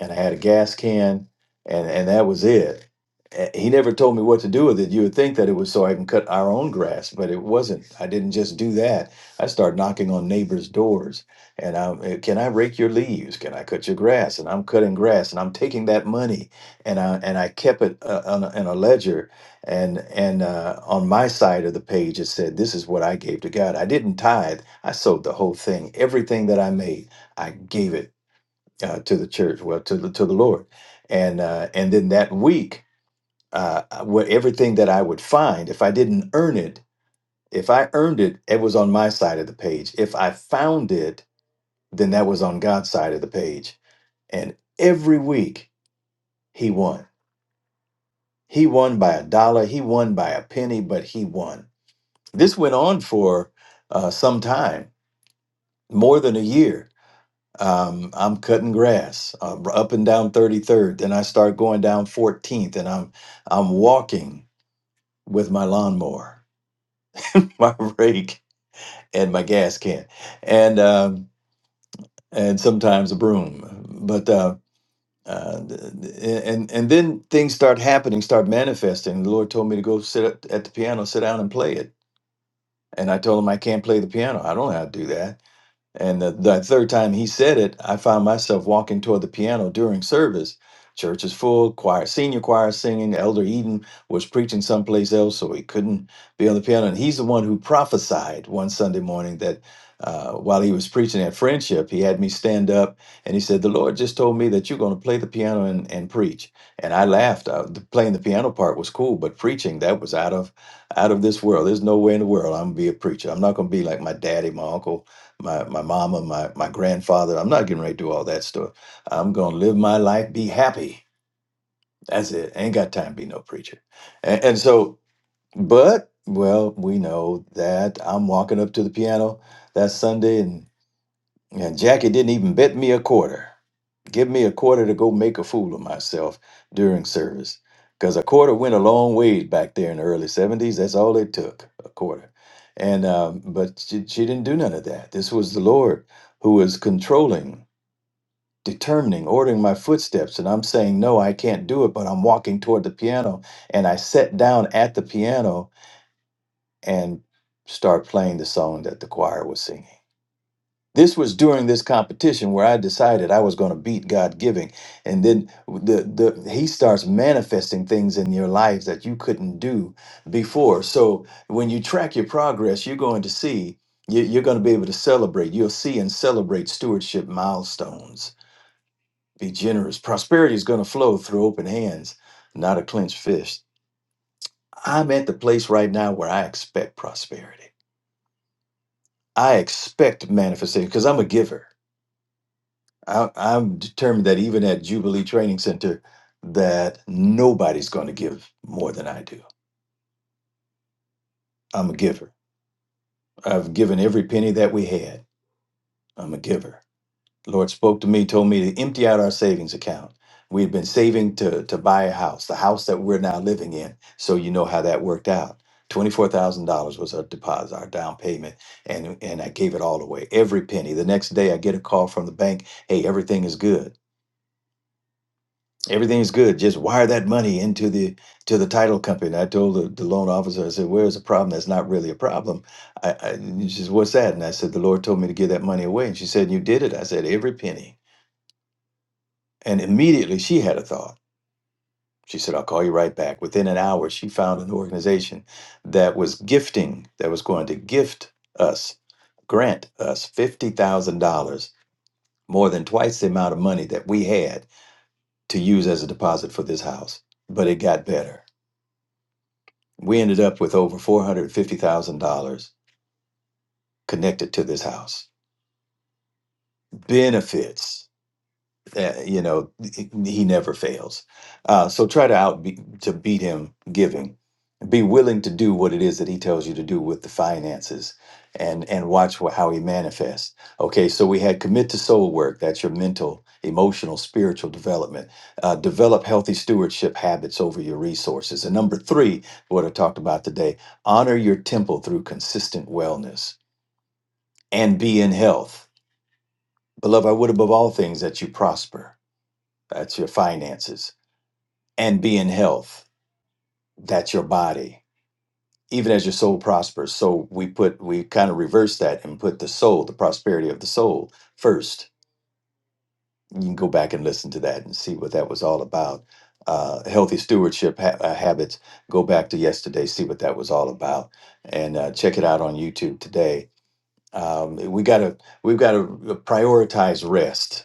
S6: and I had a gas can, and and that was it. A- He never told me what to do with it. You would think that it was so I can cut our own grass, but it wasn't. I didn't just do that. I started knocking on neighbors' doors, and I'm, eh, can I rake your leaves? Can I cut your grass? And I'm cutting grass, and I'm taking that money, and I and I kept it uh, on a, in a ledger, and and uh, on my side of the page it said, "This is what I gave to God." I didn't tithe. I sold the whole thing, everything that I made. I gave it uh, to the church, well, to the to the Lord, and uh, and then that week, uh, what everything that I would find, if I didn't earn it, if I earned it, it was on my side of the page. If I found it, then that was on God's side of the page. And every week he won. He won by a dollar. He won by a penny, but he won. This went on for uh, some time, more than a year um, I'm cutting grass uh, up and down 33rd. Then I start going down 14th, and I'm I'm walking with my lawnmower, my rake, and my gas can, and um, and sometimes a broom. But uh, uh, and and then things start happening, start manifesting. The Lord told me to go sit at at the piano, sit down, and play it. And I told him I can't play the piano. I don't know how to do that. And the, that third time he said it, I found myself walking toward the piano during service. Church is full, choir, senior choir is singing. Elder Eden was preaching someplace else, so he couldn't be on the piano. And he's the one who prophesied one Sunday morning that uh, while he was preaching at Friendship, he had me stand up and he said, The Lord just told me that you're going to play the piano and, and preach. And I laughed. Uh the, playing the piano part was cool, but preaching, that was out of out of this world. There's no way in the world I'm going to be a preacher. I'm not going to be like my daddy, my uncle, my my mama, my my grandfather. I'm not getting ready to do all that stuff. I'm gonna live my life, be happy. That's it. ain't got time to be no preacher. And, and so, but well, we know that I'm walking up to the piano that Sunday, and and Jackie didn't even bet me a quarter. Give me a quarter to go make a fool of myself during service. Because a quarter went a long ways back there in the early 70s. That's all it took, a quarter. And, um, but she, she didn't do none of that. This was the Lord who was controlling, determining, ordering my footsteps. And I'm saying, no, I can't do it, but I'm walking toward the piano. And I sat down at the piano and start playing the song that the choir was singing this was during this competition where I decided I was going to beat God giving, and then the the He starts manifesting things in your life that you couldn't do before. So when you track your progress, you're going to see you- you're going to be able to celebrate. You'll see and celebrate stewardship milestones. Be generous. Prosperity is going to flow through open hands, not a clenched fist. I'm at the place right now where I expect prosperity. I expect manifestation because I'm a giver. I, I'm determined that even at Jubilee Training Center, that nobody's going to give more than I do. I'm a giver. I've given every penny that we had. I'm a giver. Lord spoke to me, told me to empty out our savings account. We had been saving to to buy a house, the house that we're now living in. So you know how that worked out. Twenty-four thousand dollars was our deposit, our down payment, and and I gave it all away, every penny. The next day, I get a call from the bank. Hey, everything is good. Everything's good. Just wire that money into the to the title company. And I told the, the loan officer, I said, "Where's the problem? That's not really a problem." I, I and she says, "What's that?" And I said, "The Lord told me to give that money away." And she said, "You did it." I said, "Every penny." And immediately she had a thought. She said, "I'll call you right back." Within an hour, she found an organization that was gifting, that was going to gift us, grant us fifty thousand dollars, more than twice the amount of money that we had to use as a deposit for this house. But it got better We ended up with over $450,000 connected to this house. Benefits. uh, you know he never fails uh, so try to out be, to beat him giving be willing to do what it is that he tells you to do with the finances and and watch wh- how he manifests okay so we had commit to soul work that's your mental emotional spiritual development uh, develop healthy stewardship habits over your resources and number three what i talked about today honor your temple through consistent wellness and be in health beloved i would above all things that you prosper that's your finances, and be in health, that's your body, even as your soul prospers. So we put, we kind of reverse that and put the soul, the prosperity of the soul first. You can go back and listen to that and see what that was all about. Uh, healthy stewardship ha- uh, habits. Go back to yesterday, see what that was all about, and uh, check it out on YouTube today. Um, we gotta, we've gotta prioritize rest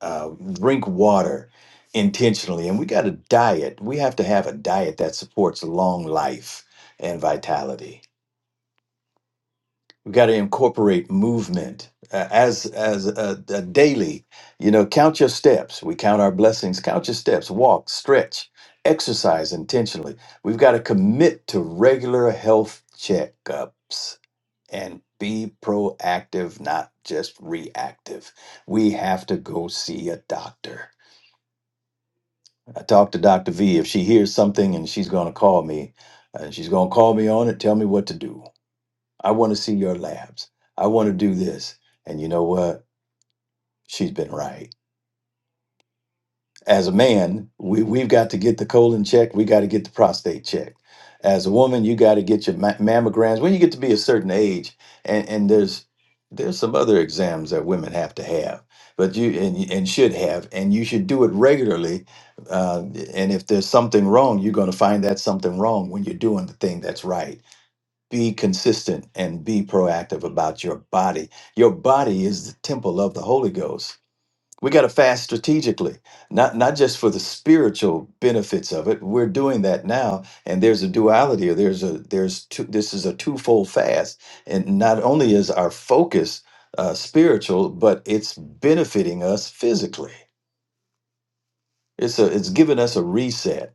S6: uh, drink water intentionally. And we got a diet. We have to have a diet that supports long life and vitality. We got to incorporate movement uh, as as a, a daily. You know, count your steps. We count our blessings. Count your steps. Walk, stretch, exercise intentionally. We've got to commit to regular health checkups and be proactive, not just reactive. We have to go see a doctor I talked to Dr. V. If she hears something and she's going to call me, and she's going to call me on it, tell me what to do. I want to see your labs. I want to do this. And you know what? She's been right. as a man, we, we've got to get the colon checked. We got to get the prostate checked. As a woman, you got to get your ma- mammograms when you get to be a certain age. And, and there's there's some other exams that women have to have, but you and, and should have, and you should do it regularly. Uh, and if there's something wrong, you're going to find that something wrong when you're doing the thing that's right. Be consistent and be proactive about your body. Your body is the temple of the Holy Ghost we got to fast strategically not not just for the spiritual benefits of it we're doing that now and there's a duality or there's a there's two this is a twofold fast and not only is our focus uh, spiritual but it's benefiting us physically it's a it's giving us a reset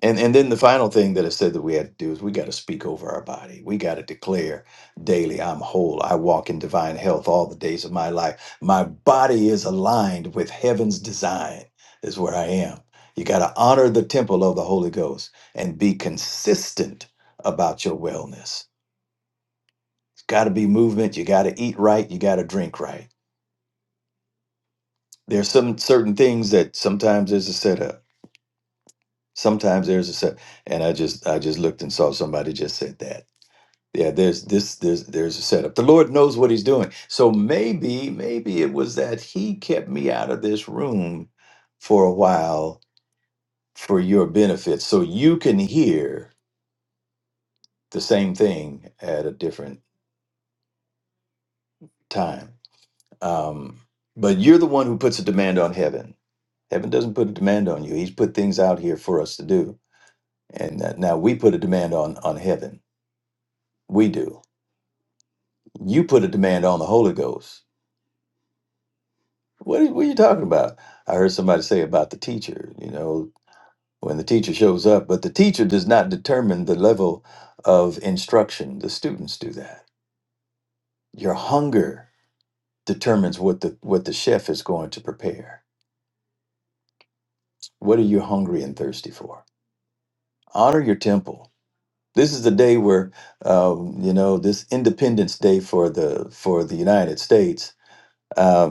S6: and and then the final thing that it said that we had to do is we got to speak over our body. We got to declare daily, I'm whole. I walk in divine health all the days of my life. My body is aligned with heaven's design, is where I am. You got to honor the temple of the Holy Ghost and be consistent about your wellness. It's got to be movement. You got to eat right. You got to drink right. There's some certain things that sometimes there's a setup. Sometimes there's a set. And I just I just looked and saw somebody just said that Yeah, there's this there's there's a setup. The Lord knows what he's doing. So maybe maybe it was that he kept me out of this room for a while for your benefit so you can hear the same thing at a different time. Um but you're the one who puts a demand on heaven. Heaven doesn't put a demand on you. He's put things out here for us to do. And that now we put a demand on on heaven. We do. You put a demand on the Holy Ghost What are, what are you talking about? I heard somebody say about the teacher, you know, when the teacher shows up, but the teacher does not determine the level of instruction. The students do that. Your hunger determines what the what the chef is going to prepare. What are you hungry and thirsty for? Honor your temple. This is the day where, um, you know, this Independence Day for the for the United States. uh,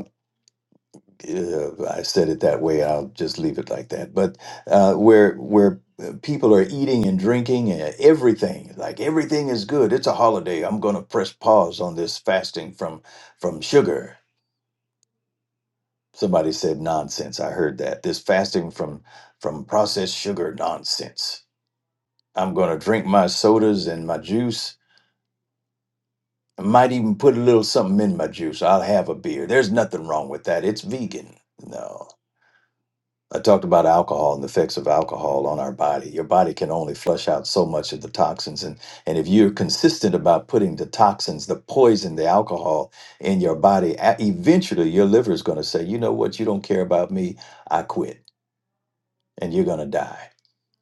S6: uh, I said it that way. I'll just leave it like that. But uh, where where uh, people are eating and drinking and everything, like everything is good. It's a holiday. I'm going to press pause on this fasting from from sugar. Somebody said nonsense. I heard that. This fasting from from processed sugar nonsense. I'm going to drink my sodas and my juice. I might even put a little something in my juice. I'll have a beer. There's nothing wrong with that. It's vegan. No. I talked about alcohol and the effects of alcohol on our body. Your body can only flush out so much of the toxins. And, and if you're consistent about putting the toxins, the poison, the alcohol in your body, a- eventually your liver is going to say, you know what, you don't care about me, I quit. And you're going to die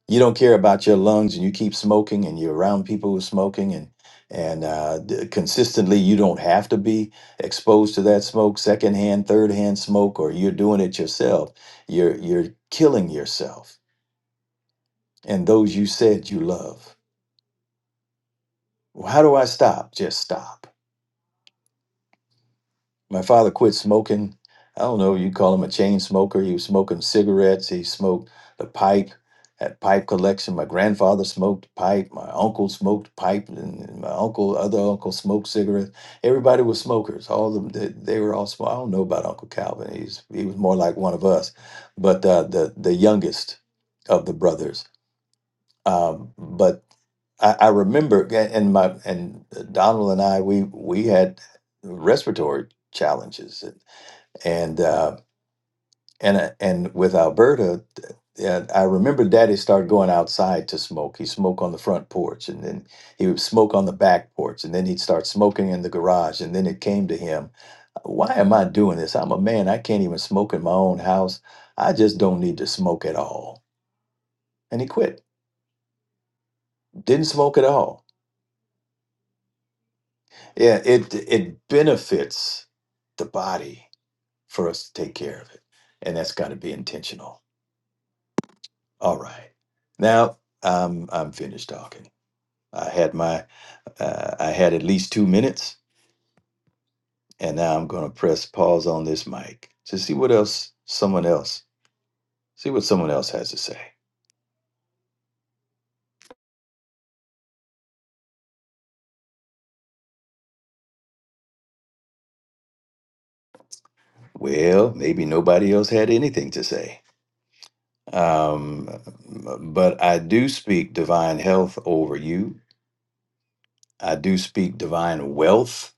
S6: you don't care about your lungs and you keep smoking and you're around people who are smoking and and uh, d- consistently you don't have to be exposed to that smoke secondhand thirdhand smoke or you're doing it yourself you're you're killing yourself and those you said you love well, how do i stop just stop my father quit smoking. I don't know, you call him a chain smoker. He was smoking cigarettes. He smoked the pipe, had pipe collection. My grandfather smoked pipe. My uncle smoked pipe, and and my uncle, other uncle, smoked cigarettes. Everybody was smokers. All of them, they, they were all small. I don't know about Uncle Calvin. He's he was more like one of us, but uh, the the youngest of the brothers um, but I, I remember, a- and my and Donald and I, we we had respiratory challenges, and and uh, and, uh, and with Alberta, th- yeah, I remember Daddy started going outside to smoke. He smoked on the front porch, and then he would smoke on the back porch, and then he'd start smoking in the garage, and then it came to him, why am I doing this? I'm a man. I can't even smoke in my own house. I just don't need to smoke at all. And he quit. Didn't smoke at all Yeah, it it benefits the body for us to take care of it, and that's got to be intentional. All right, now I'm I'm finished talking. I had my uh, I had at least two minutes, and now I'm going to press pause on this mic to see what else someone else see what someone else has to say. Well, maybe nobody else had anything to say. Um, but I do speak divine health over you. I do speak divine wealth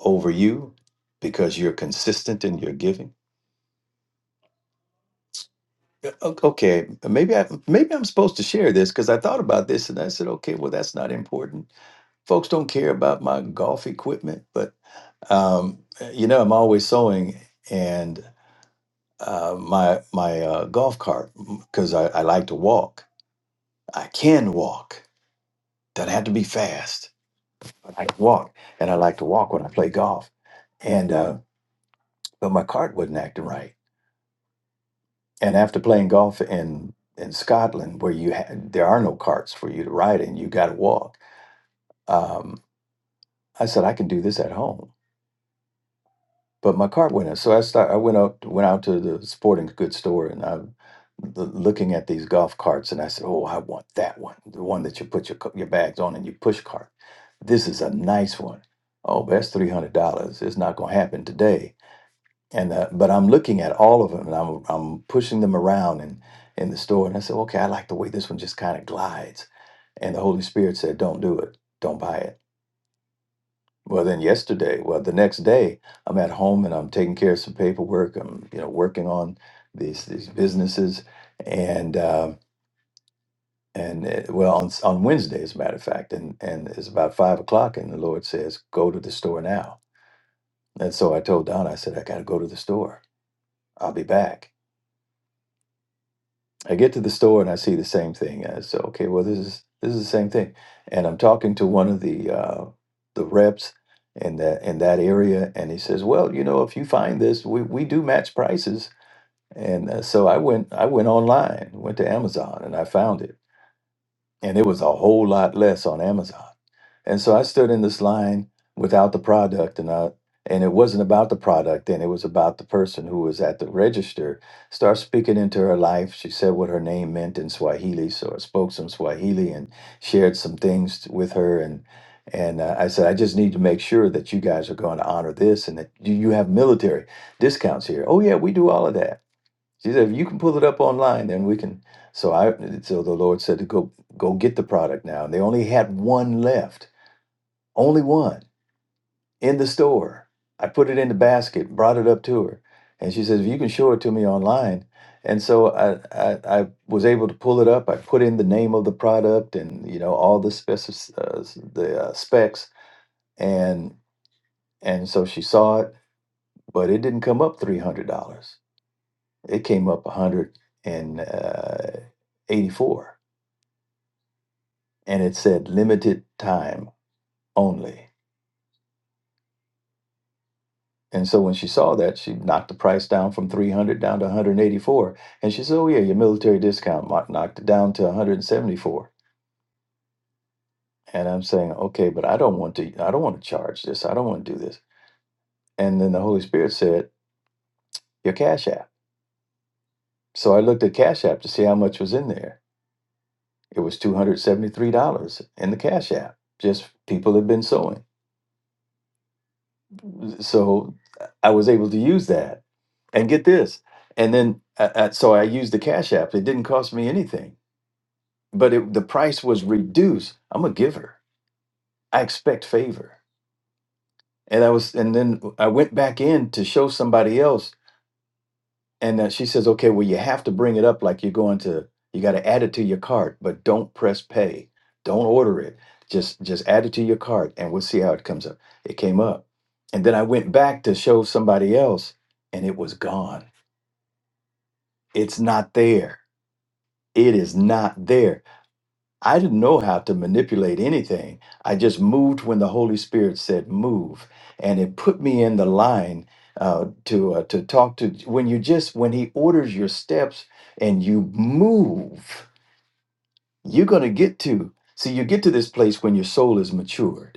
S6: over you because you're consistent in your giving. Yeah, o- Okay, maybe I maybe I'm supposed to share this because I thought about this and I said, okay, well that's not important. Folks don't care about my golf equipment, but um, you know I'm always sewing and uh, my my uh, golf cart because I, I like to walk. I can walk. Doesn't have to be fast, but I can walk, and I like to walk when I play golf. And uh, but my cart wasn't acting right And after playing golf in in Scotland, where you ha- there are no carts for you to ride in, you got to walk. Um, I said I can do this at home, but my cart went in. So I start. I went up, went out to the sporting goods store, and I'm l- looking at these golf carts, and I said, "Oh, I want that one, the one that you put your co- your bags on and you push cart. This is a nice one. Oh, but that's three hundred dollars. It's not going to happen today." and uh, but I'm looking at all of them and I'm I'm pushing them around in in the store and I said, okay, I like the way this one just kind of glides, and the Holy Spirit said, don't do it, don't buy it. Well, then yesterday, well the next day, I'm at home and I'm taking care of some paperwork. I'm you know working on these these businesses and. Um, and uh well, on, s- on Wednesday, as a matter of fact, and, and it's about five o'clock, and the Lord says, "Go to the store now." And so I told Donna, I said, "I got to go to the store. I'll be back." I get to the store and I see the same thing. I say, okay, well, this is this is the same thing. And I'm talking to one of the uh, the reps in that in that area, and he says, well, you know, if you find this, we, we do match prices. And uh, so I went I went online, went to Amazon, and I found it, and it was a whole lot less on Amazon. And so I stood in this line without the product and I and it wasn't about the product and it was about the person who was at the register start speaking into her life she said what her name meant in swahili so i spoke some swahili and shared some things with her and and uh, i said i just need to make sure that you guys are going to honor this and that you you have military discounts here oh yeah we do all of that she said if you can pull it up online then we can so i so the lord said to go go get the product now and they only had one left only one in the store. I put it in the basket, brought it up to her, and she says, "If you can show it to me online." And so I, I, I was able to pull it up. I put in the name of the product and you know all the specs, uh, s- the uh, specs, and and so she saw it, but it didn't come up three hundred dollars. It came up a hundred and uh, eighty-four, and it said limited time only. And so when she saw that, she knocked the price down from 300 down to 184. And she said, Oh, yeah, your military discount mo- knocked it down to 174. And I'm saying, Okay, but I don't want to, I don't want to charge this. I don't want to do this. And then the Holy Spirit said, Your Cash App. So I looked at Cash App to see how much was in there. It was $273 in the Cash App. Just people had been sewing. So I was able to use that and get this. And then, uh, uh, so I used the Cash App. It didn't cost me anything but it, the price was reduced. I'm a giver. I expect favor. And I was, and then I went back in to show somebody else, and uh, she says, "Okay, well, you have to bring it up like you're going to. You got to add it to your cart, but don't press pay. Don't order it. Just, just add it to your cart, and we'll see how it comes up. It came up, and then I went back to show somebody else, and it was gone. It's not there. It is not there I didn't know how to manipulate anything. I just moved when the Holy Spirit said move, and it put me in the line uh, to uh, to talk to. When you just when He orders your steps and you move, you're gonna get to. See, you get to this place when your soul is matured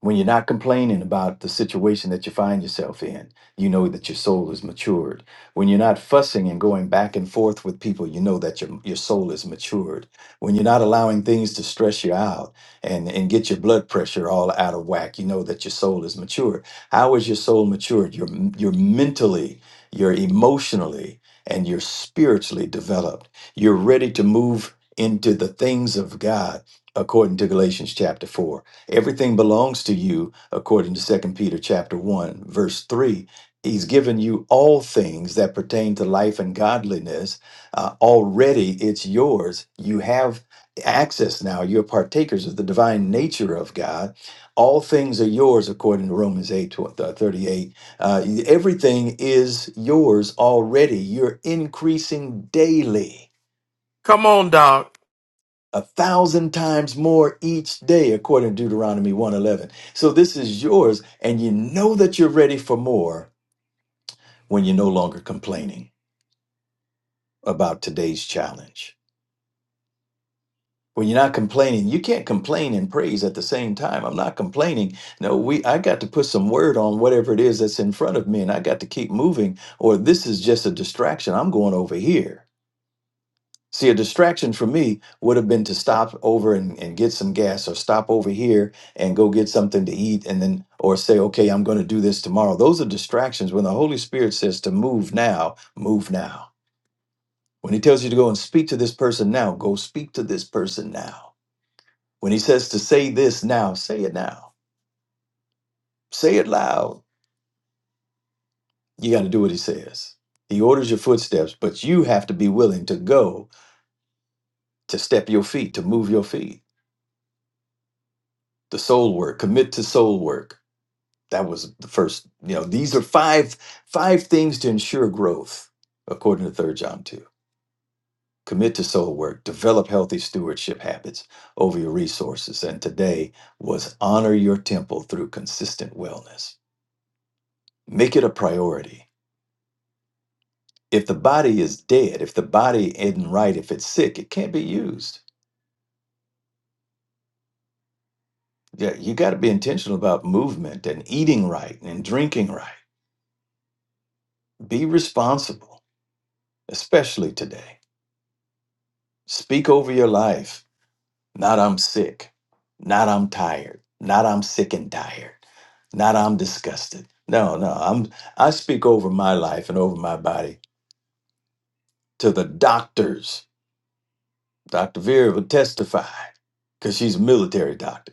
S6: when you're not complaining about the situation that you find yourself in, you know that your soul is matured. When you're not fussing and going back and forth with people, you know that your, your soul is matured. When you're not allowing things to stress you out and, and get your blood pressure all out of whack, you know that your soul is matured. How is your soul matured? You're, you're mentally, you're emotionally, and you're spiritually developed. You're ready to move into the things of God according to Galatians chapter 4 Everything belongs to you, according to Second Peter chapter 1, verse 3. He's given you all things that pertain to life and godliness. Uh, already it's yours. You have access now. You're partakers of the divine nature of God. All things are yours, according to Romans 8 tw- uh, 38. Uh, everything is yours already. You're increasing daily
S2: Come on, Doc.
S6: a thousand times more each day according to deuteronomy 111 so this is yours and you know that you're ready for more when you're no longer complaining about today's challenge when you're not complaining you can't complain and praise at the same time i'm not complaining no we i got to put some word on whatever it is that's in front of me and i got to keep moving or this is just a distraction i'm going over here See, a distraction for me would have been to stop over and, and get some gas or stop over here and go get something to eat and then or say, okay, I'm going to do this tomorrow. Those are distractions. When the Holy Spirit says to move now, move now. When he tells you to go and speak to this person now, go speak to this person now. When he says to say this now, say it now. Say it loud. You got to do what he says. He orders your footsteps, but you have to be willing to go, to step your feet, to move your feet. The soul work, commit to soul work That was the first, you know, these are five five things to ensure growth, according to Third John 2. Commit to soul work, develop healthy stewardship habits over your resources. And today was honor your temple through consistent wellness. Make it a priority. If the body is dead, if the body isn't right, if it's sick, it can't be used. Yeah, you got to be intentional about movement and eating right and drinking right. Be responsible, especially today. Speak over your life Not I'm sick. Not I'm tired. Not I'm sick and tired. Not I'm disgusted. No, no. I'm I speak over my life and over my body to the doctors. Dr. Vera will testify because she's a military doctor.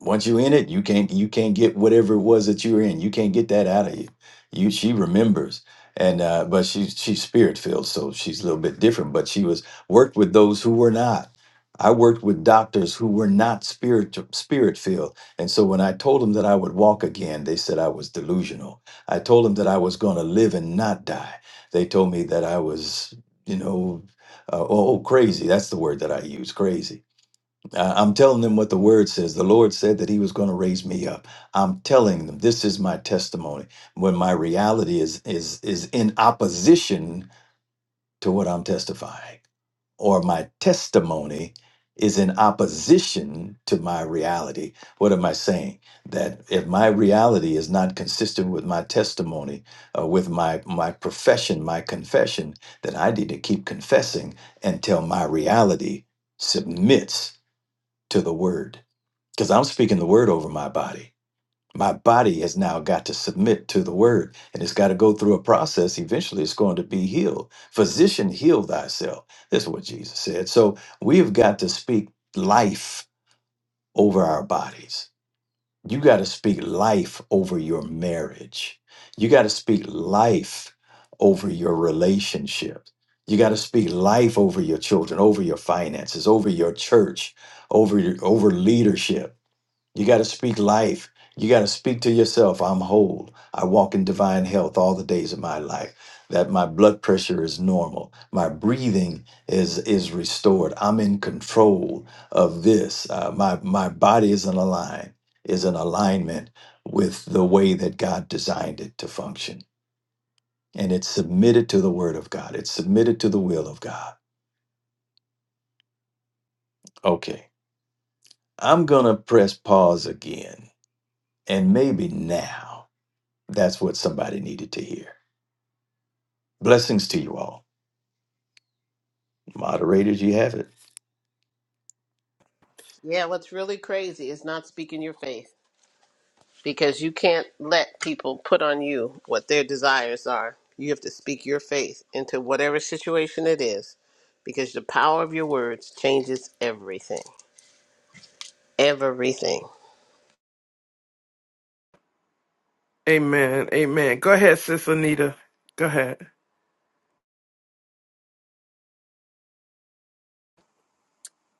S6: once you in it, you can't you can't get whatever it was that you were in. You can't get that out of you. You she remembers, and uh, but she she's spirit filled, so she's a little bit different. But she was worked with those who were not. I worked with doctors who were not spirit spirit filled, and so when I told them that I would walk again, they said I was delusional. I told them that I was going to live and not die. They told me that I was you know uh, oh, oh crazy. That's the word that I use, crazy uh, I'm telling them what the word says. The Lord said that He was going to raise me up. I'm telling them this is my testimony when my reality is is is in opposition to what I'm testifying, or my testimony is in opposition to my reality. What am I saying? That if my reality is not consistent with my testimony, uh, with my my profession, my confession, then I need to keep confessing until my reality submits to the word because I'm speaking the word over my body. My body has now got to submit to the word and it's got to go through a process. Eventually, it's going to be healed. Physician, heal thyself. This is what Jesus said. So we have got to speak life over our bodies. You got to speak life over your marriage. You got to speak life over your relationships. You got to speak life over your children, over your finances, over your church, over your, over leadership you got to speak life. You got to speak to yourself. I'm whole. I walk in divine health all the days of my life. That my blood pressure is normal. My breathing is is restored. I'm in control of this. Uh, my my body is in align is in alignment with the way that God designed it to function, and it's submitted to the Word of God. It's submitted to the will of God. Okay, I'm gonna press pause again, and maybe now. That's what somebody needed to hear. Blessings to you all. Moderators, you have it.
S1: Yeah, what's really crazy is not speaking your faith. because you can't let people put on you what their desires are. You have to speak your faith into whatever situation it is because the power of your words changes everything. Everything.
S2: Amen. Amen. Go ahead, sis Anita. Go ahead.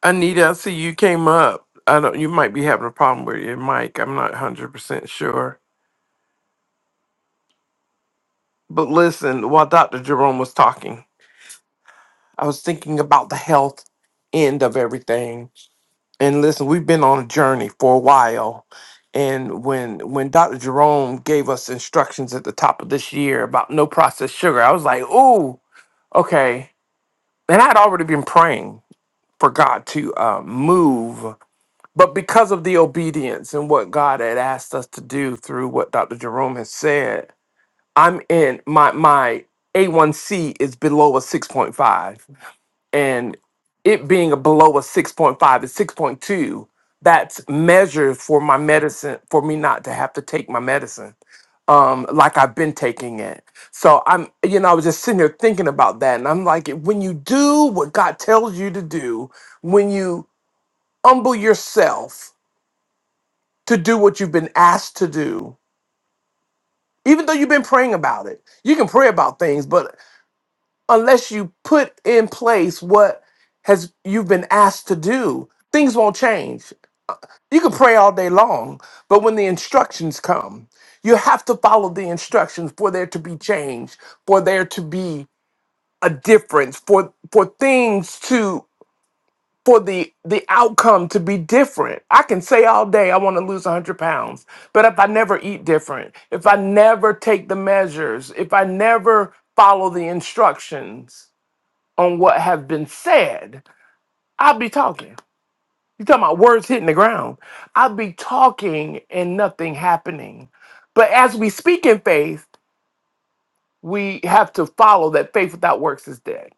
S2: Anita, I see you came up. I don't you might be having a problem with your mic. I'm not hundred percent sure. But listen, while Dr. Jerome was talking, I was thinking about the health end of everything And listen, we've been on a journey for a while. And when when Dr. Jerome gave us instructions at the top of this year about no processed sugar, I was like, "Ooh, okay." And I'd already been praying for God to uh, move, but because of the obedience and what God had asked us to do through what Dr. Jerome has said, I'm in my my A1C is below a 6.5 and it being a below a 6.5 a 6.2 that's measured for my medicine for me not to have to take my medicine um like i've been taking it so i'm you know i was just sitting here thinking about that and i'm like when you do what god tells you to do when you humble yourself to do what you've been asked to do even though you've been praying about it you can pray about things but unless you put in place what has you've been asked to do things won't change you can pray all day long but when the instructions come you have to follow the instructions for there to be change for there to be a difference for for things to for the the outcome to be different i can say all day i want to lose 100 pounds but if i never eat different if i never take the measures if i never follow the instructions on what have been said, I'll be talking. you talking about words hitting the ground. I'll be talking and nothing happening. But as we speak in faith, we have to follow that faith without works is dead.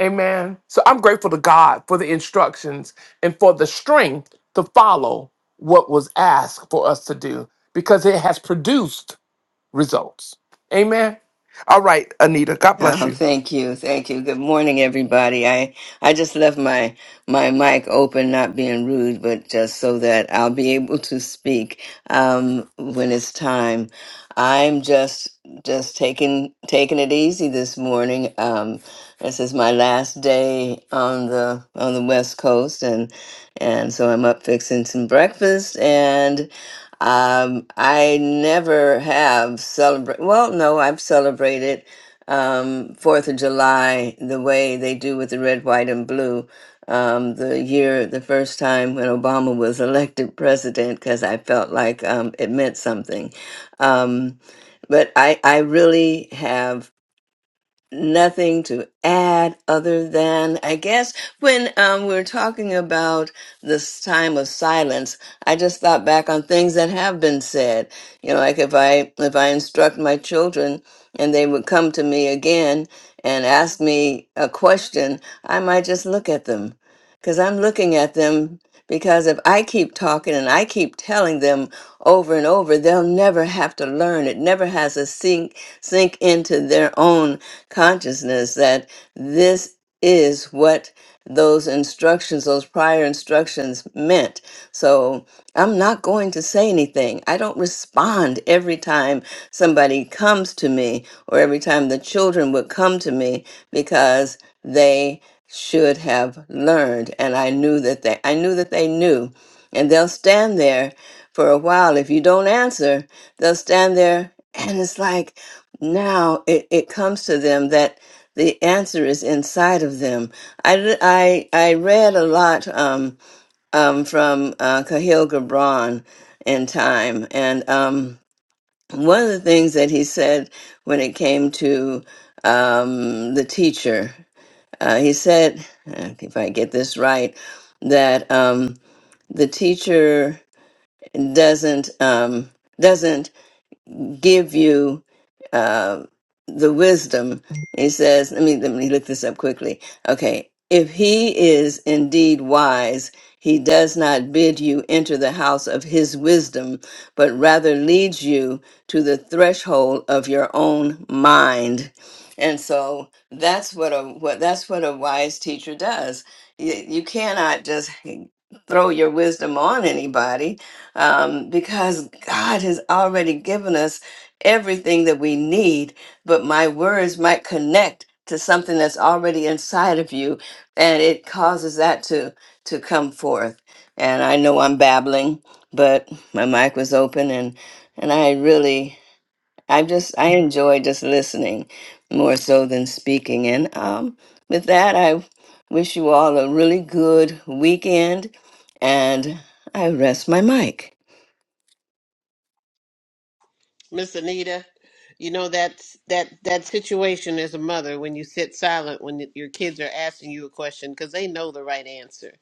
S2: Amen. So I'm grateful to God for the instructions and for the strength to follow what was asked for us to do because it has produced results. Amen. All right, Anita, God bless
S7: Oh,
S2: you.
S7: thank you, thank you. Good morning, everybody. I I just left my my mic open, not being rude, but just so that I'll be able to speak um, when it's time. I'm just just taking taking it easy this morning. Um, this is my last day on the on the West Coast, and and so I'm up fixing some breakfast and. Um, I never have celebrate. Well, no, I've celebrated um, Fourth of July the way they do with the red, white, and blue. Um, the year, the first time when Obama was elected president, because I felt like um, it meant something. Um, but I, I really have nothing to add other than I guess when um, we're talking about this time of silence, I just thought back on things that have been said. You know, like if I if I instruct my children and they would come to me again and ask me a question, I might just look at them because I'm looking at them. Because if I keep talking and I keep telling them over and over, they'll never have to learn. It never has to sink sink into their own consciousness that this is what those instructions, those prior instructions meant. So I'm not going to say anything. I don't respond every time somebody comes to me or every time the children would come to me because they should have learned and I knew that they I knew that they knew and they'll stand there for a while if you don't answer they'll stand there and it's like now it, it comes to them that the answer is inside of them. I, I, I read a lot um, um, from uh, Cahill Gibran in time, and um, one of the things that he said when it came to um, the teacher, uh, he said, uh, if I get this right, that um, the teacher doesn't um, doesn't give you uh, the wisdom. He says, let me, let me look this up quickly. Okay. If he is indeed wise, he does not bid you enter the house of his wisdom, but rather leads you to the threshold of your own mind. And so that's what a what that's what a wise teacher does. You, you cannot just throw your wisdom on anybody um, because God has already given us everything that we need, but my words might connect to something that's already inside of you and it causes that to to come forth. And I know I'm babbling, but my mic was open and and I really I just I enjoy just listening more so than speaking. And um with that I wish you all a really good weekend and I rest my mic.
S1: Miss Anita, you know that's that that situation as a mother when you sit silent when your kids are asking you a question because they know the right answer.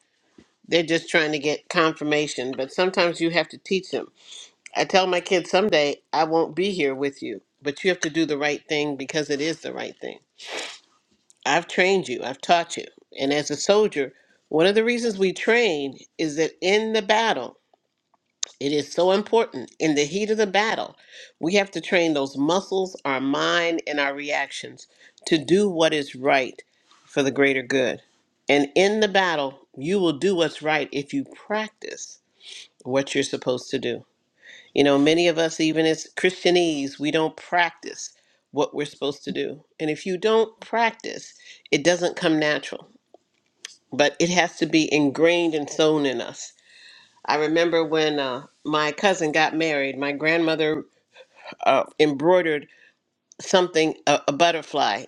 S1: They're just trying to get confirmation, but sometimes you have to teach them I tell my kids someday I won't be here with you, but you have to do the right thing because it is the right thing. I've trained you, I've taught you. And as a soldier, one of the reasons we train is that in the battle, it is so important. In the heat of the battle, we have to train those muscles, our mind, and our reactions to do what is right for the greater good. And in the battle, you will do what's right if you practice what you're supposed to do. You know, many of us, even as Christianese, we don't practice what we're supposed to do. And if you don't practice, it doesn't come natural, but it has to be ingrained and sown in us. I remember when uh, my cousin got married, my grandmother uh, embroidered something, a, a butterfly,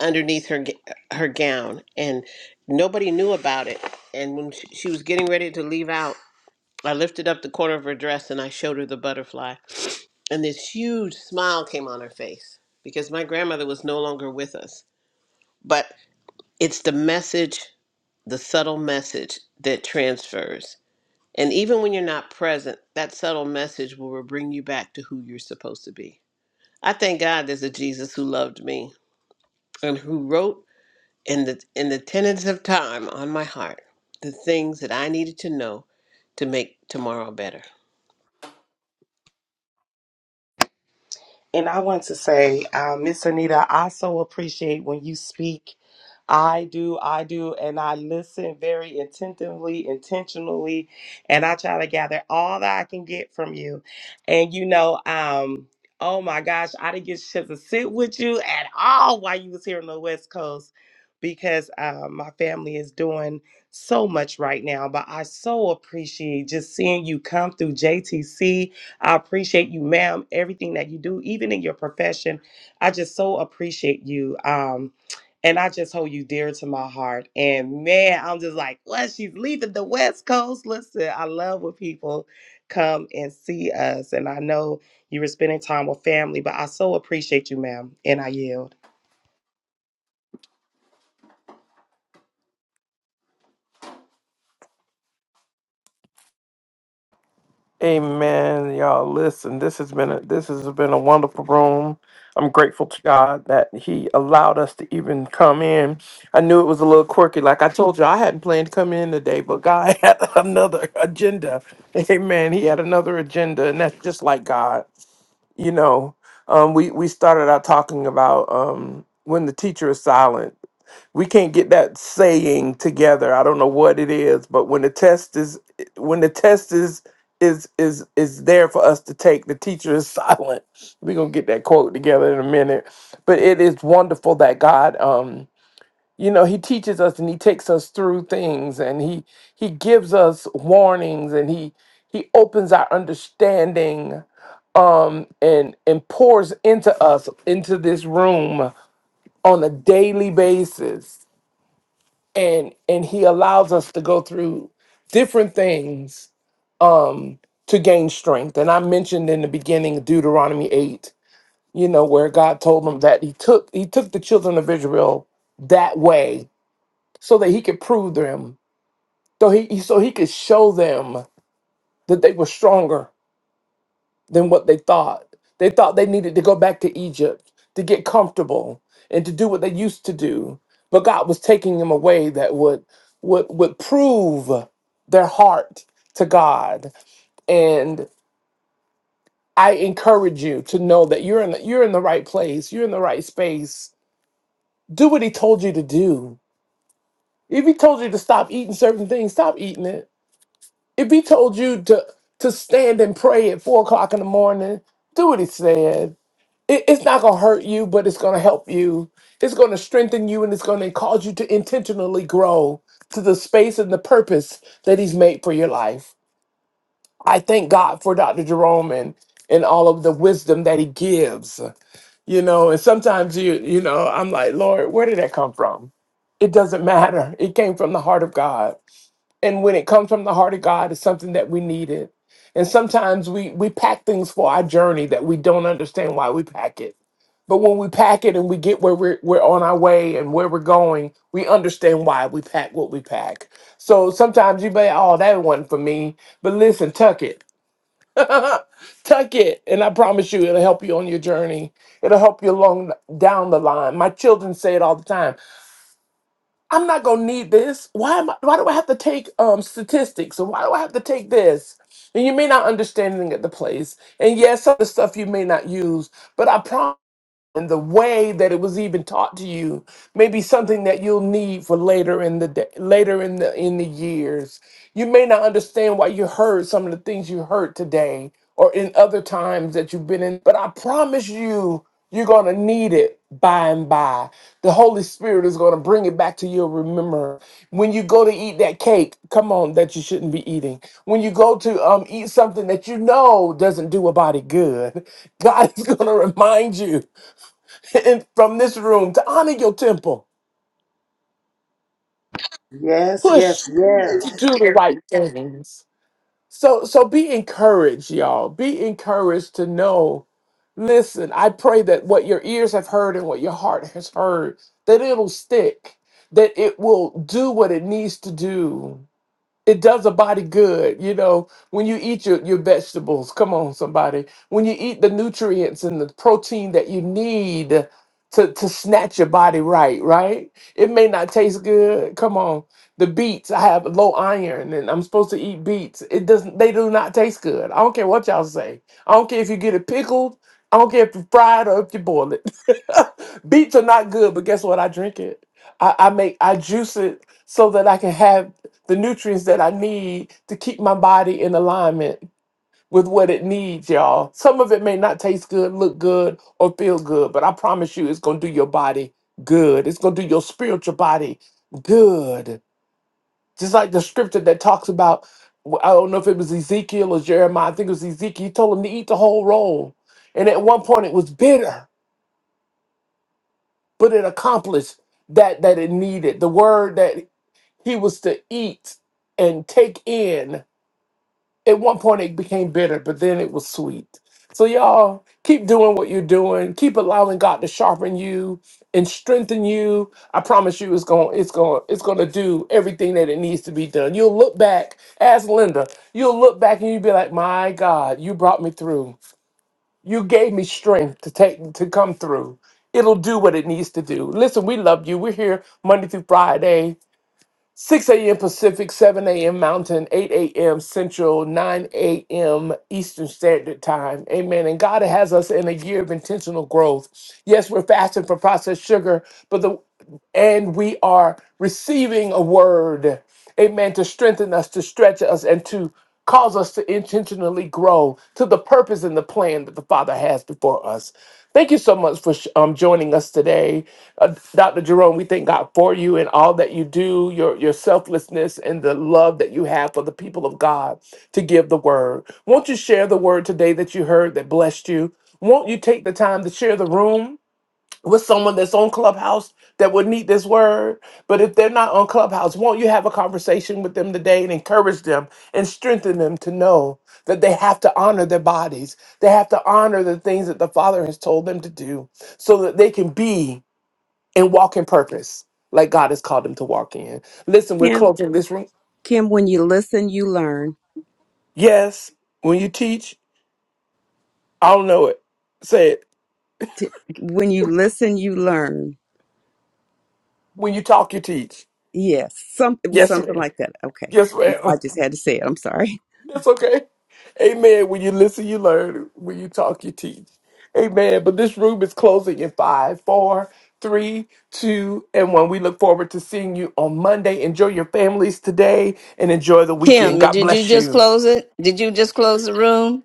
S1: underneath her g- her gown, and nobody knew about it. And when she, she was getting ready to leave out, I lifted up the corner of her dress and I showed her the butterfly. And this huge smile came on her face because my grandmother was no longer with us. But it's the message, the subtle message that transfers. And even when you're not present, that subtle message will bring you back to who you're supposed to be. I thank God there's a Jesus who loved me and who wrote in the in the tenets of time on my heart the things that I needed to know to make tomorrow better.
S5: And I want to say, uh, Miss Anita, I so appreciate when you speak. I do, I do, and I listen very attentively, intentionally, and I try to gather all that I can get from you. And you know, um, oh my gosh, I didn't get a chance to sit with you at all while you was here on the West Coast because um, my family is doing so much right now. But I so appreciate just seeing you come through JTC. I appreciate you, ma'am, everything that you do, even in your profession. I just so appreciate you. Um, and I just hold you dear to my heart. And man, I'm just like, well, She's leaving the West Coast. Listen, I love when people come and see us. And I know you were spending time with family, but I so appreciate you, ma'am. And I yield.
S2: Amen. Y'all listen, this has been a this has been a wonderful room. I'm grateful to God that He allowed us to even come in. I knew it was a little quirky. Like I told you, I hadn't planned to come in today, but God had another agenda. Amen. He had another agenda, and that's just like God. You know, um, we we started out talking about um, when the teacher is silent we can't get that saying together. I don't know what it is, but when the test is when the test is is is is there for us to take, the teacher is silent. We're gonna get that quote together in a minute. But it is wonderful that God um you know he teaches us and he takes us through things and he he gives us warnings and he he opens our understanding um and and pours into us into this room on a daily basis and and he allows us to go through different things um to gain strength and i mentioned in the beginning deuteronomy 8 you know where god told them that he took he took the children of israel that way so that he could prove them so he- so he could show them that they were stronger than what they thought. They thought they needed to go back to Egypt to get comfortable and to do what they used to do. But God was taking them away that would would would prove their heart to God. And I encourage you to know that you're in the, you're in the right place, you're in the right space. Do what he told you to do. If he told you to stop eating certain things, stop eating it. If he told you to to stand and pray at four o'clock in the morning, do what he said it- it's not going to hurt you, but it's going to help you. It's going to strengthen you and it's going to cause you to intentionally grow to the space and the purpose that He's made for your life. I thank God for Dr. Jerome and, and all of the wisdom that He gives. You know, and sometimes you, you know, I'm like, Lord, where did that come from? It doesn't matter. It came from the heart of God and when it comes from the heart of God, it's something that we needed. And sometimes we we pack things for our journey that we don't understand why we pack it. But when we pack it and we get where we're we're on our way and where we're going, we understand why we pack what we pack. So sometimes you may, oh, that wasn't for me. But listen, tuck it. tuck it. And I promise you it'll help you on your journey. It'll help you along down the line. My children say it all the time. I'm not gonna need this. Why am I, why do I have to take um statistics or why do I have to take this? And you may not understanding at the place. And yes, some of the stuff you may not use, but I promise and the way that it was even taught to you may be something that you'll need for later in the day, later in the in the years. You may not understand why you heard some of the things you heard today or in other times that you've been in, but I promise you you're going to need it by and by. The Holy Spirit is going to bring it back to your remembrance. When you go to eat that cake, come on, that you shouldn't be eating. When you go to um, eat something that you know doesn't do a body good, God is going to remind you and from this room to honor your temple.
S5: Yes,
S2: Push
S5: yes,
S2: to
S5: yes.
S2: do the right things. So so be encouraged, y'all. Be encouraged to know. Listen, I pray that what your ears have heard and what your heart has heard, that it'll stick, that it will do what it needs to do it does a body good you know when you eat your, your vegetables come on somebody when you eat the nutrients and the protein that you need to, to snatch your body right right it may not taste good come on the beets i have low iron and i'm supposed to eat beets it doesn't they do not taste good i don't care what y'all say i don't care if you get it pickled i don't care if you fry it or if you boil it beets are not good but guess what i drink it i, I make i juice it so that i can have the nutrients that I need to keep my body in alignment with what it needs, y'all. Some of it may not taste good, look good, or feel good, but I promise you it's going to do your body good. It's going to do your spiritual body good. Just like the scripture that talks about, I don't know if it was Ezekiel or Jeremiah, I think it was Ezekiel. He told him to eat the whole roll. And at one point it was bitter, but it accomplished that that it needed. The word that he was to eat and take in at one point it became bitter, but then it was sweet. So y'all keep doing what you're doing. Keep allowing God to sharpen you and strengthen you. I promise you, it's going, it's going, it's going to do everything that it needs to be done. You'll look back, as Linda. You'll look back and you'll be like, "My God, you brought me through. You gave me strength to take to come through." It'll do what it needs to do. Listen, we love you. We're here Monday through Friday. 6 a.m. Pacific, 7 a.m. Mountain, 8 a.m. Central, 9 a.m. Eastern Standard Time. Amen. And God has us in a year of intentional growth. Yes, we're fasting from processed sugar, but the and we are receiving a word, amen, to strengthen us, to stretch us, and to cause us to intentionally grow to the purpose and the plan that the Father has before us. Thank you so much for sh- um, joining us today. Uh, Dr. Jerome, we thank God for you and all that you do, your, your selflessness and the love that you have for the people of God to give the word. Won't you share the word today that you heard that blessed you? Won't you take the time to share the room? with someone that's on Clubhouse that would need this word. But if they're not on Clubhouse, won't you have a conversation with them today and encourage them and strengthen them to know that they have to honor their bodies? They have to honor the things that the Father has told them to do so that they can be and walk in purpose like God has called them to walk in. Listen, we're
S4: Yeah.
S2: closing this room.
S4: Kim, when you listen, you learn.
S2: Yes, when you teach, I don't know it. Say it.
S4: T- When you listen, you learn.
S2: When you talk, you teach.
S4: Yes, some it was
S2: Yes,
S4: something
S2: ma'am.
S4: like that. Okay,
S2: Yes, ma'am.
S4: I just had to say it. I'm sorry.
S2: It's okay. Amen. When you listen, you learn. When you talk, you teach. Amen. But this room is closing in five, four, three, two, and one. We look forward to seeing you on Monday. Enjoy your families today and enjoy the
S7: Kim,
S2: weekend. God
S7: did you
S2: bless
S7: just
S2: you.
S7: close it? Did you just close the room?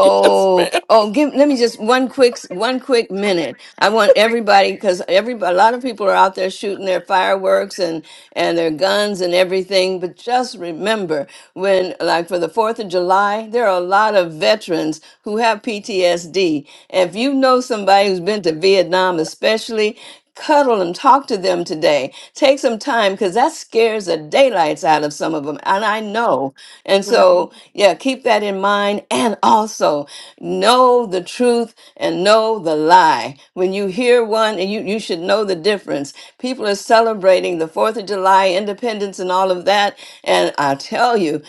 S2: Yes, ma'am.
S7: oh, give, let me just one quick, one quick minute. I want everybody, because every, a lot of people are out there shooting their fireworks and, and their guns and everything. But just remember when, like for the 4th of July, there are a lot of veterans who have PTSD. If you know somebody who's been to Vietnam, especially, cuddle and talk to them today. Take some time because that scares the daylights out of some of them. And I know. And so, yeah, keep that in mind. And also know the truth and know the lie. When you hear one, and you, you should know the difference. People are celebrating the 4th of July, independence, and all of that. And I tell you,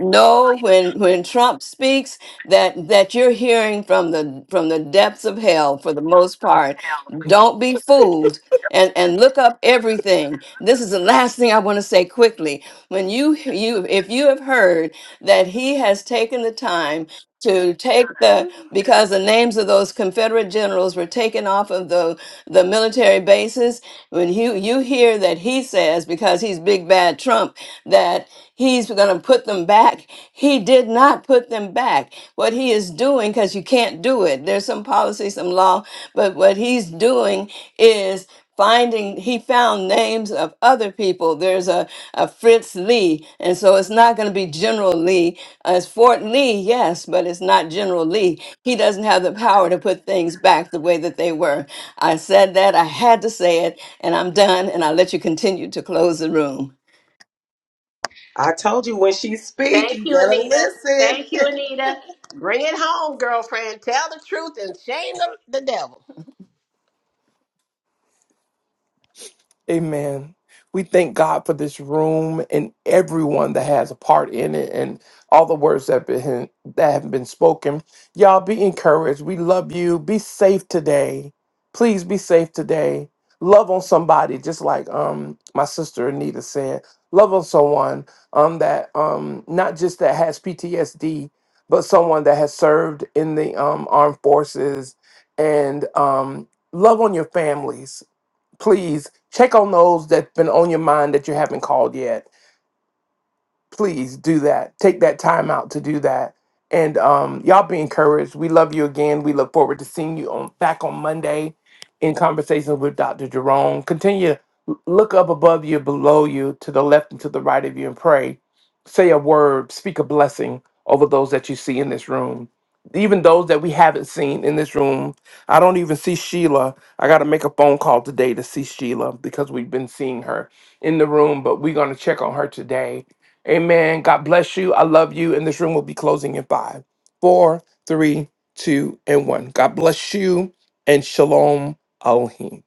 S7: know when when Trump speaks that that you're hearing from the from the depths of hell for the most part don't be fooled and and look up everything. This is the last thing I want to say quickly. When you you if you have heard that he has taken the time to take the because the names of those Confederate generals were taken off of the the military bases. When you you hear that he says because he's big bad Trump that he's going to put them back, he did not put them back. What he is doing because you can't do it. There's some policy, some law, but what he's doing is finding he found names of other people there's a, a fritz lee and so it's not going to be general lee uh, It's Fort Lee, yes, but it's not General Lee. He doesn't have the power to put things back the way that they were. I said that, I had to say it, and I'm done, and I'll let you continue to close the room.
S5: I told you when she she's
S1: Thank
S5: speaking,
S1: you,
S5: better
S1: Anita.
S5: listen.
S1: Thank you, Anita. Bring it home, girlfriend. Tell the truth and shame the, the devil.
S2: Amen. We thank God for this room and everyone that has a part in it and all the words that, been, that have been spoken. Y'all be encouraged. We love you. Be safe today. Please be safe today. Love on somebody, just like um my sister Anita said. Love on someone um that um not just that has PTSD, but someone that has served in the um armed forces and um love on your families please check on those that's been on your mind that you haven't called yet please do that. Take that time out to do that. And um, y'all be encouraged. We love you again. We look forward to seeing you on back on Monday in conversation with Dr. Jerome. Continue to l- look up above you, below you, to the left and to the right of you, and pray. Say a word, speak a blessing over those that you see in this room. Even those that we haven't seen in this room. I don't even see Sheila. I got to make a phone call today to see Sheila because we've been seeing her in the room, but we're going to check on her today Amen. God bless you. I love you. And this room will be closing in five, four, three, two, and one. God bless you and shalom Elohim.